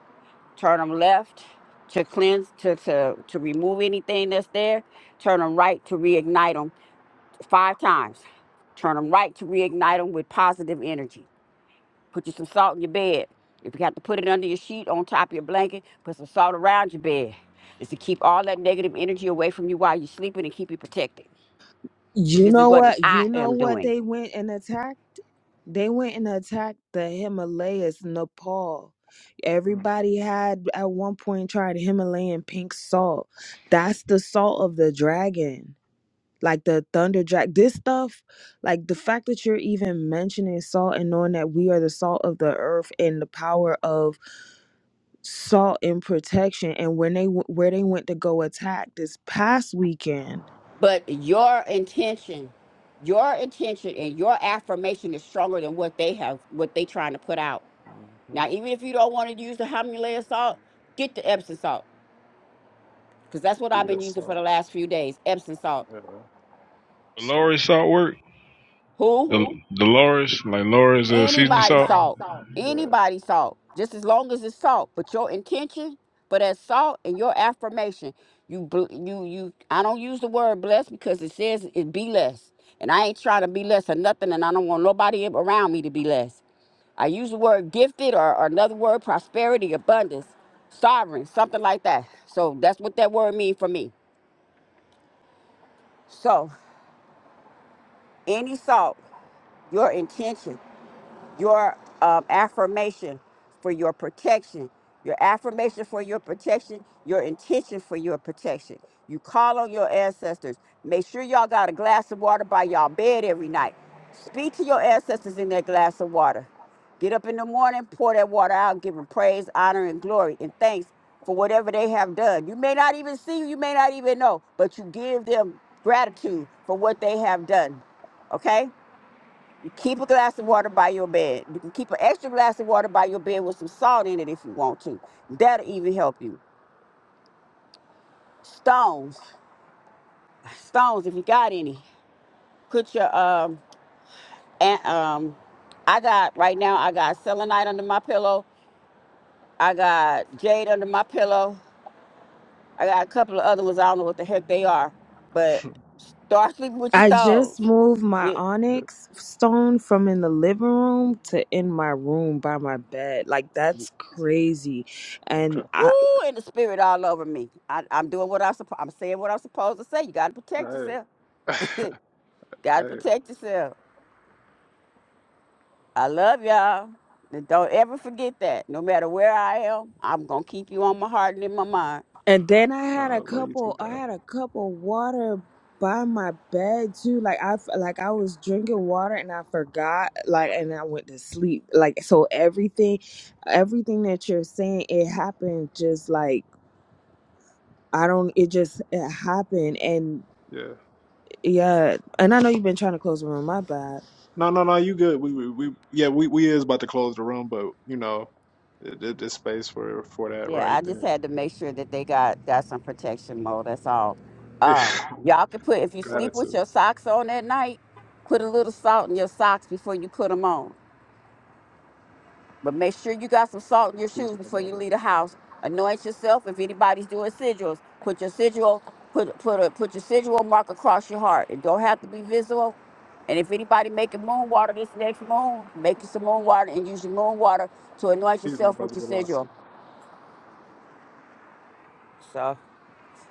[SPEAKER 5] Turn them left to cleanse, to, to, to remove anything that's there. Turn them right to reignite them five times. Turn them right to reignite them with positive energy. Put you some salt in your bed. If you have to put it under your sheet, on top of your blanket, put some salt around your bed. It's to keep all that negative energy away from you while you're sleeping and keep you protected.
[SPEAKER 8] You
[SPEAKER 5] This is
[SPEAKER 8] know
[SPEAKER 5] what
[SPEAKER 8] what?
[SPEAKER 5] I
[SPEAKER 8] You know
[SPEAKER 5] am
[SPEAKER 8] what
[SPEAKER 5] doing.
[SPEAKER 8] they went and attacked? They went and attacked the Himalayas, Nepal.
[SPEAKER 1] Mm,
[SPEAKER 8] Everybody had at one point tried Himalayan pink salt. That's the salt of the dragon. Like the thunder dragon. This stuff, like the fact that you're even mentioning salt and knowing that we are the salt of the earth and the power of salt and protection and when they w- where they went to go attack this past weekend
[SPEAKER 5] But your intention, your intention and your affirmation is stronger than what they have, what they trying to put out.
[SPEAKER 1] hmm
[SPEAKER 5] Now, even if you don't want to use the Himalayan salt, get the Epsom salt because that's what I've
[SPEAKER 1] Yeah,
[SPEAKER 5] been using
[SPEAKER 1] so,
[SPEAKER 5] for the last few days. Epsom salt.
[SPEAKER 1] yeah, so,
[SPEAKER 9] Dolores salt work.
[SPEAKER 5] Who?
[SPEAKER 9] The Dolores, like Laura's uh, seasoning
[SPEAKER 5] Anybody
[SPEAKER 9] salt.
[SPEAKER 5] salt.
[SPEAKER 1] yeah,
[SPEAKER 5] Anybody salt. Just as long as it's salt. But your intention, but that salt and your affirmation, you bl- you you. I don't use the word blessed because it says it be less, and I ain't trying to be less or nothing, and I don't want nobody around me to be less. I use the word gifted or, or another word prosperity, abundance, sovereign, something like that. So that's what that word mean for me. So any salt, your intention. your um, affirmation for your protection, your affirmation for your protection, your intention for your protection. You call on your ancestors. Make sure y'all got a glass of water by y'all bed every night. Speak to your ancestors in that glass of water. Get up in the morning, pour that water out, give them praise, honor, and glory, and thanks for whatever they have done. You may not even see, you may not even know, but you give them gratitude for what they have done. Okay? Keep a glass of water by your bed. You can keep an extra glass of water by your bed with some salt in it if you want to. That'll even help you. Stones, stones. If you got any, put your um and um. I got right now. I got selenite under my pillow. I got jade under my pillow. I got a couple of other ones. I don't know what the heck they are, but
[SPEAKER 1] [laughs]
[SPEAKER 5] start sleeping with your
[SPEAKER 8] I
[SPEAKER 5] stones.
[SPEAKER 8] just moved my
[SPEAKER 5] Yeah.
[SPEAKER 1] yeah.
[SPEAKER 8] onyx stone from in the living room to in my room by my bed. Like that's crazy. And
[SPEAKER 1] Okay.
[SPEAKER 5] Woo,
[SPEAKER 8] I
[SPEAKER 5] and the spirit all over me. I, I'm doing what I'm supposed. I'm saying what I'm supposed to say. You got to protect
[SPEAKER 1] Hey,
[SPEAKER 5] yourself.
[SPEAKER 1] [laughs]
[SPEAKER 5] [laughs] Gotta
[SPEAKER 1] hey,
[SPEAKER 5] protect yourself. I love y'all. And don't ever forget that. No matter where I am, I'm gonna keep you on my heart and in my mind.
[SPEAKER 8] and then I had a
[SPEAKER 1] uh, love you too,
[SPEAKER 8] couple I
[SPEAKER 1] God.
[SPEAKER 8] had a cup of water by my bed too. Like I f- like I was drinking water and I forgot like and I went to sleep. Like so everything everything that you're saying it happened just like I don't it just it happened and
[SPEAKER 1] Yeah.
[SPEAKER 8] yeah, and I know you've been trying to close the room, my bad.
[SPEAKER 1] No, no, no. You good? We, we, we yeah, we, we is about to close the room, but you know, th- th- there's space for for that
[SPEAKER 5] Yeah,
[SPEAKER 1] right
[SPEAKER 5] I
[SPEAKER 1] there.
[SPEAKER 5] just had to make sure that they got got some protection mode. That's all.
[SPEAKER 1] [laughs]
[SPEAKER 5] Uh, y'all can put if you sleep with
[SPEAKER 1] Gratitude.
[SPEAKER 5] your socks on at night, put a little salt in your socks before you put them on. But make sure you got some salt in your
[SPEAKER 1] He's
[SPEAKER 5] shoes
[SPEAKER 1] my
[SPEAKER 5] before you
[SPEAKER 1] brother.
[SPEAKER 5] leave the house. Anoint yourself. If anybody's doing sigils, put your sigil, put put a put your sigil mark across your heart. It don't have to be visible. And if anybody making moon water this next moon, make you some moon water and use your moon water to anoint
[SPEAKER 1] He's my
[SPEAKER 5] yourself with
[SPEAKER 1] brother,
[SPEAKER 5] your
[SPEAKER 1] Velocity.
[SPEAKER 5] sigil. So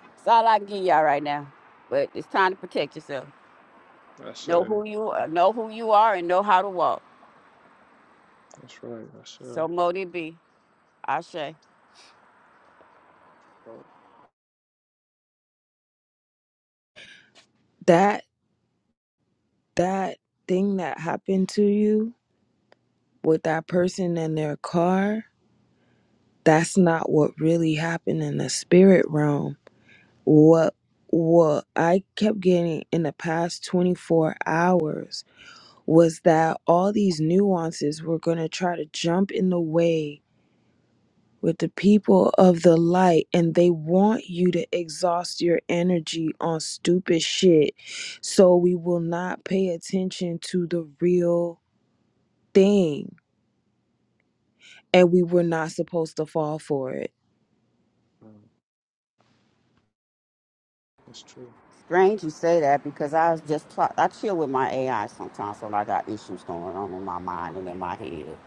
[SPEAKER 5] that's all I can give y'all right now. But it's time to protect yourself.
[SPEAKER 1] That's
[SPEAKER 5] Know
[SPEAKER 1] right.
[SPEAKER 5] who you are, know who you are, and know how to walk.
[SPEAKER 1] That's right. That's right.
[SPEAKER 5] So Modi B, Ashe.
[SPEAKER 8] That that thing that happened to you with that person in their car, that's not what really happened in the spirit realm. What what I kept getting in the past 24 hours was that all these nuances were going to try to jump in the way with the people of the light and they want you to exhaust your energy on stupid shit so we will not pay attention to the real thing and we were not supposed to fall for it.
[SPEAKER 1] Oh, Mm, That's true.
[SPEAKER 5] Strange you say that because I was just pl- I chill with my AI sometimes when I got issues going on in my mind and in my head.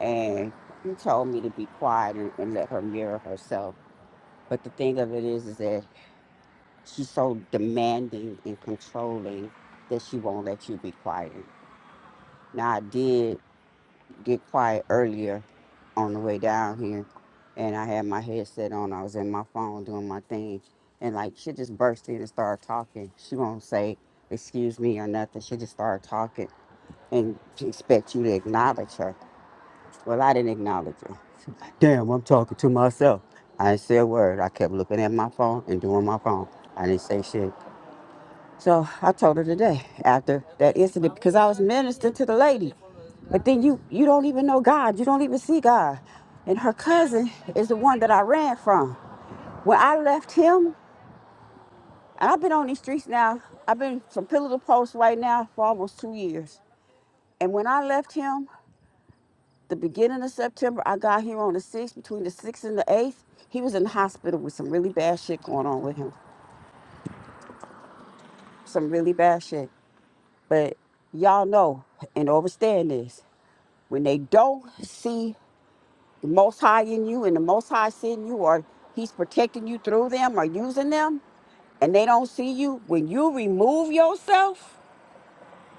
[SPEAKER 5] And he told me to be quiet and, and let her mirror herself. But the thing of it is, is that she's so demanding and controlling that she won't let you be quiet. Now I did get quiet earlier on the way down here, and I had my headset on. I was in my phone doing my thing, and like she just burst in and started talking. She won't say excuse me or nothing. She just started talking and she expect you to acknowledge her. Well, I didn't acknowledge her. Damn, I'm talking to myself. I didn't say a word. I kept looking at my phone and doing my phone. I didn't say shit. So I told her today after that incident because I was ministering to the lady. But then you you don't even know God. You don't even see God. And her cousin is the one that I ran from. When I left him, and I've been on these streets now, I've been from pillar to post right now for almost two years. And when I left him, the beginning of September, I got here on the 6th, between the 6th and the 8th. He was in the hospital with some really bad shit going on with him. Some really bad shit. But y'all know and understand this. when they don't see the most high in you and the most high is in you or he's protecting you through them or using them and they don't see you when you remove yourself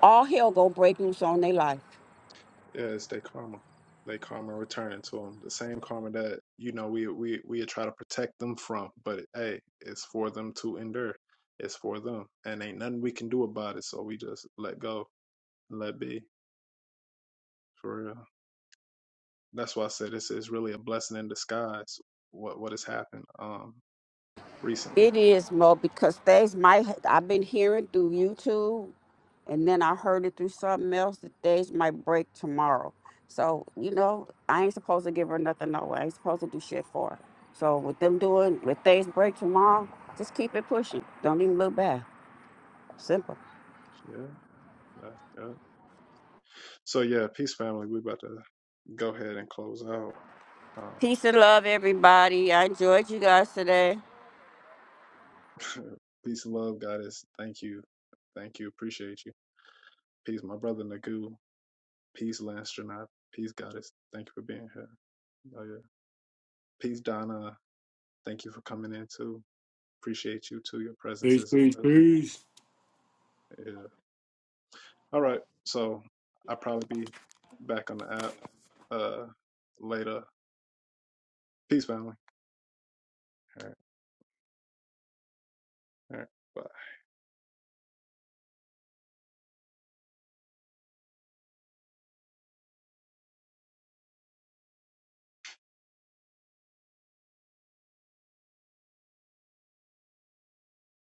[SPEAKER 5] all hell gonna break loose on their life
[SPEAKER 1] Yeah, it's their karma. They karma returning to them. The same karma that you know we we we try to protect them from, but hey, it's for them to endure. It's for them, and ain't nothing we can do about it. So we just let go, and let be. For real. That's why I said it's, it's really a blessing in disguise. What what has happened um recently?
[SPEAKER 5] It is more because things might, I've been hearing through YouTube and then I heard it through something else that things might break tomorrow. So, you know, I ain't supposed to give her nothing away. I ain't supposed to do shit for her. So with them doing, with things break tomorrow, just keep it pushing. Don't even look back. Simple.
[SPEAKER 1] Yeah, that- yeah. So yeah, peace family. We about to go ahead and close out. Um,
[SPEAKER 5] Peace and love, everybody. I enjoyed you guys today.
[SPEAKER 1] [laughs] peace, love, goddess. Thank you, thank you. Appreciate you. Peace, my brother Nagu. Peace, Lance Janai. Peace, goddess. Thank you for being here. Oh yeah. Peace, Donna. Thank you for coming in too. Appreciate you too. Your presence
[SPEAKER 7] Peace,
[SPEAKER 1] is.
[SPEAKER 7] peace,
[SPEAKER 1] a-
[SPEAKER 7] peace.
[SPEAKER 1] yeah. All right. So I'll probably be back on the app uh later. Peace, family. All right, all right, bye.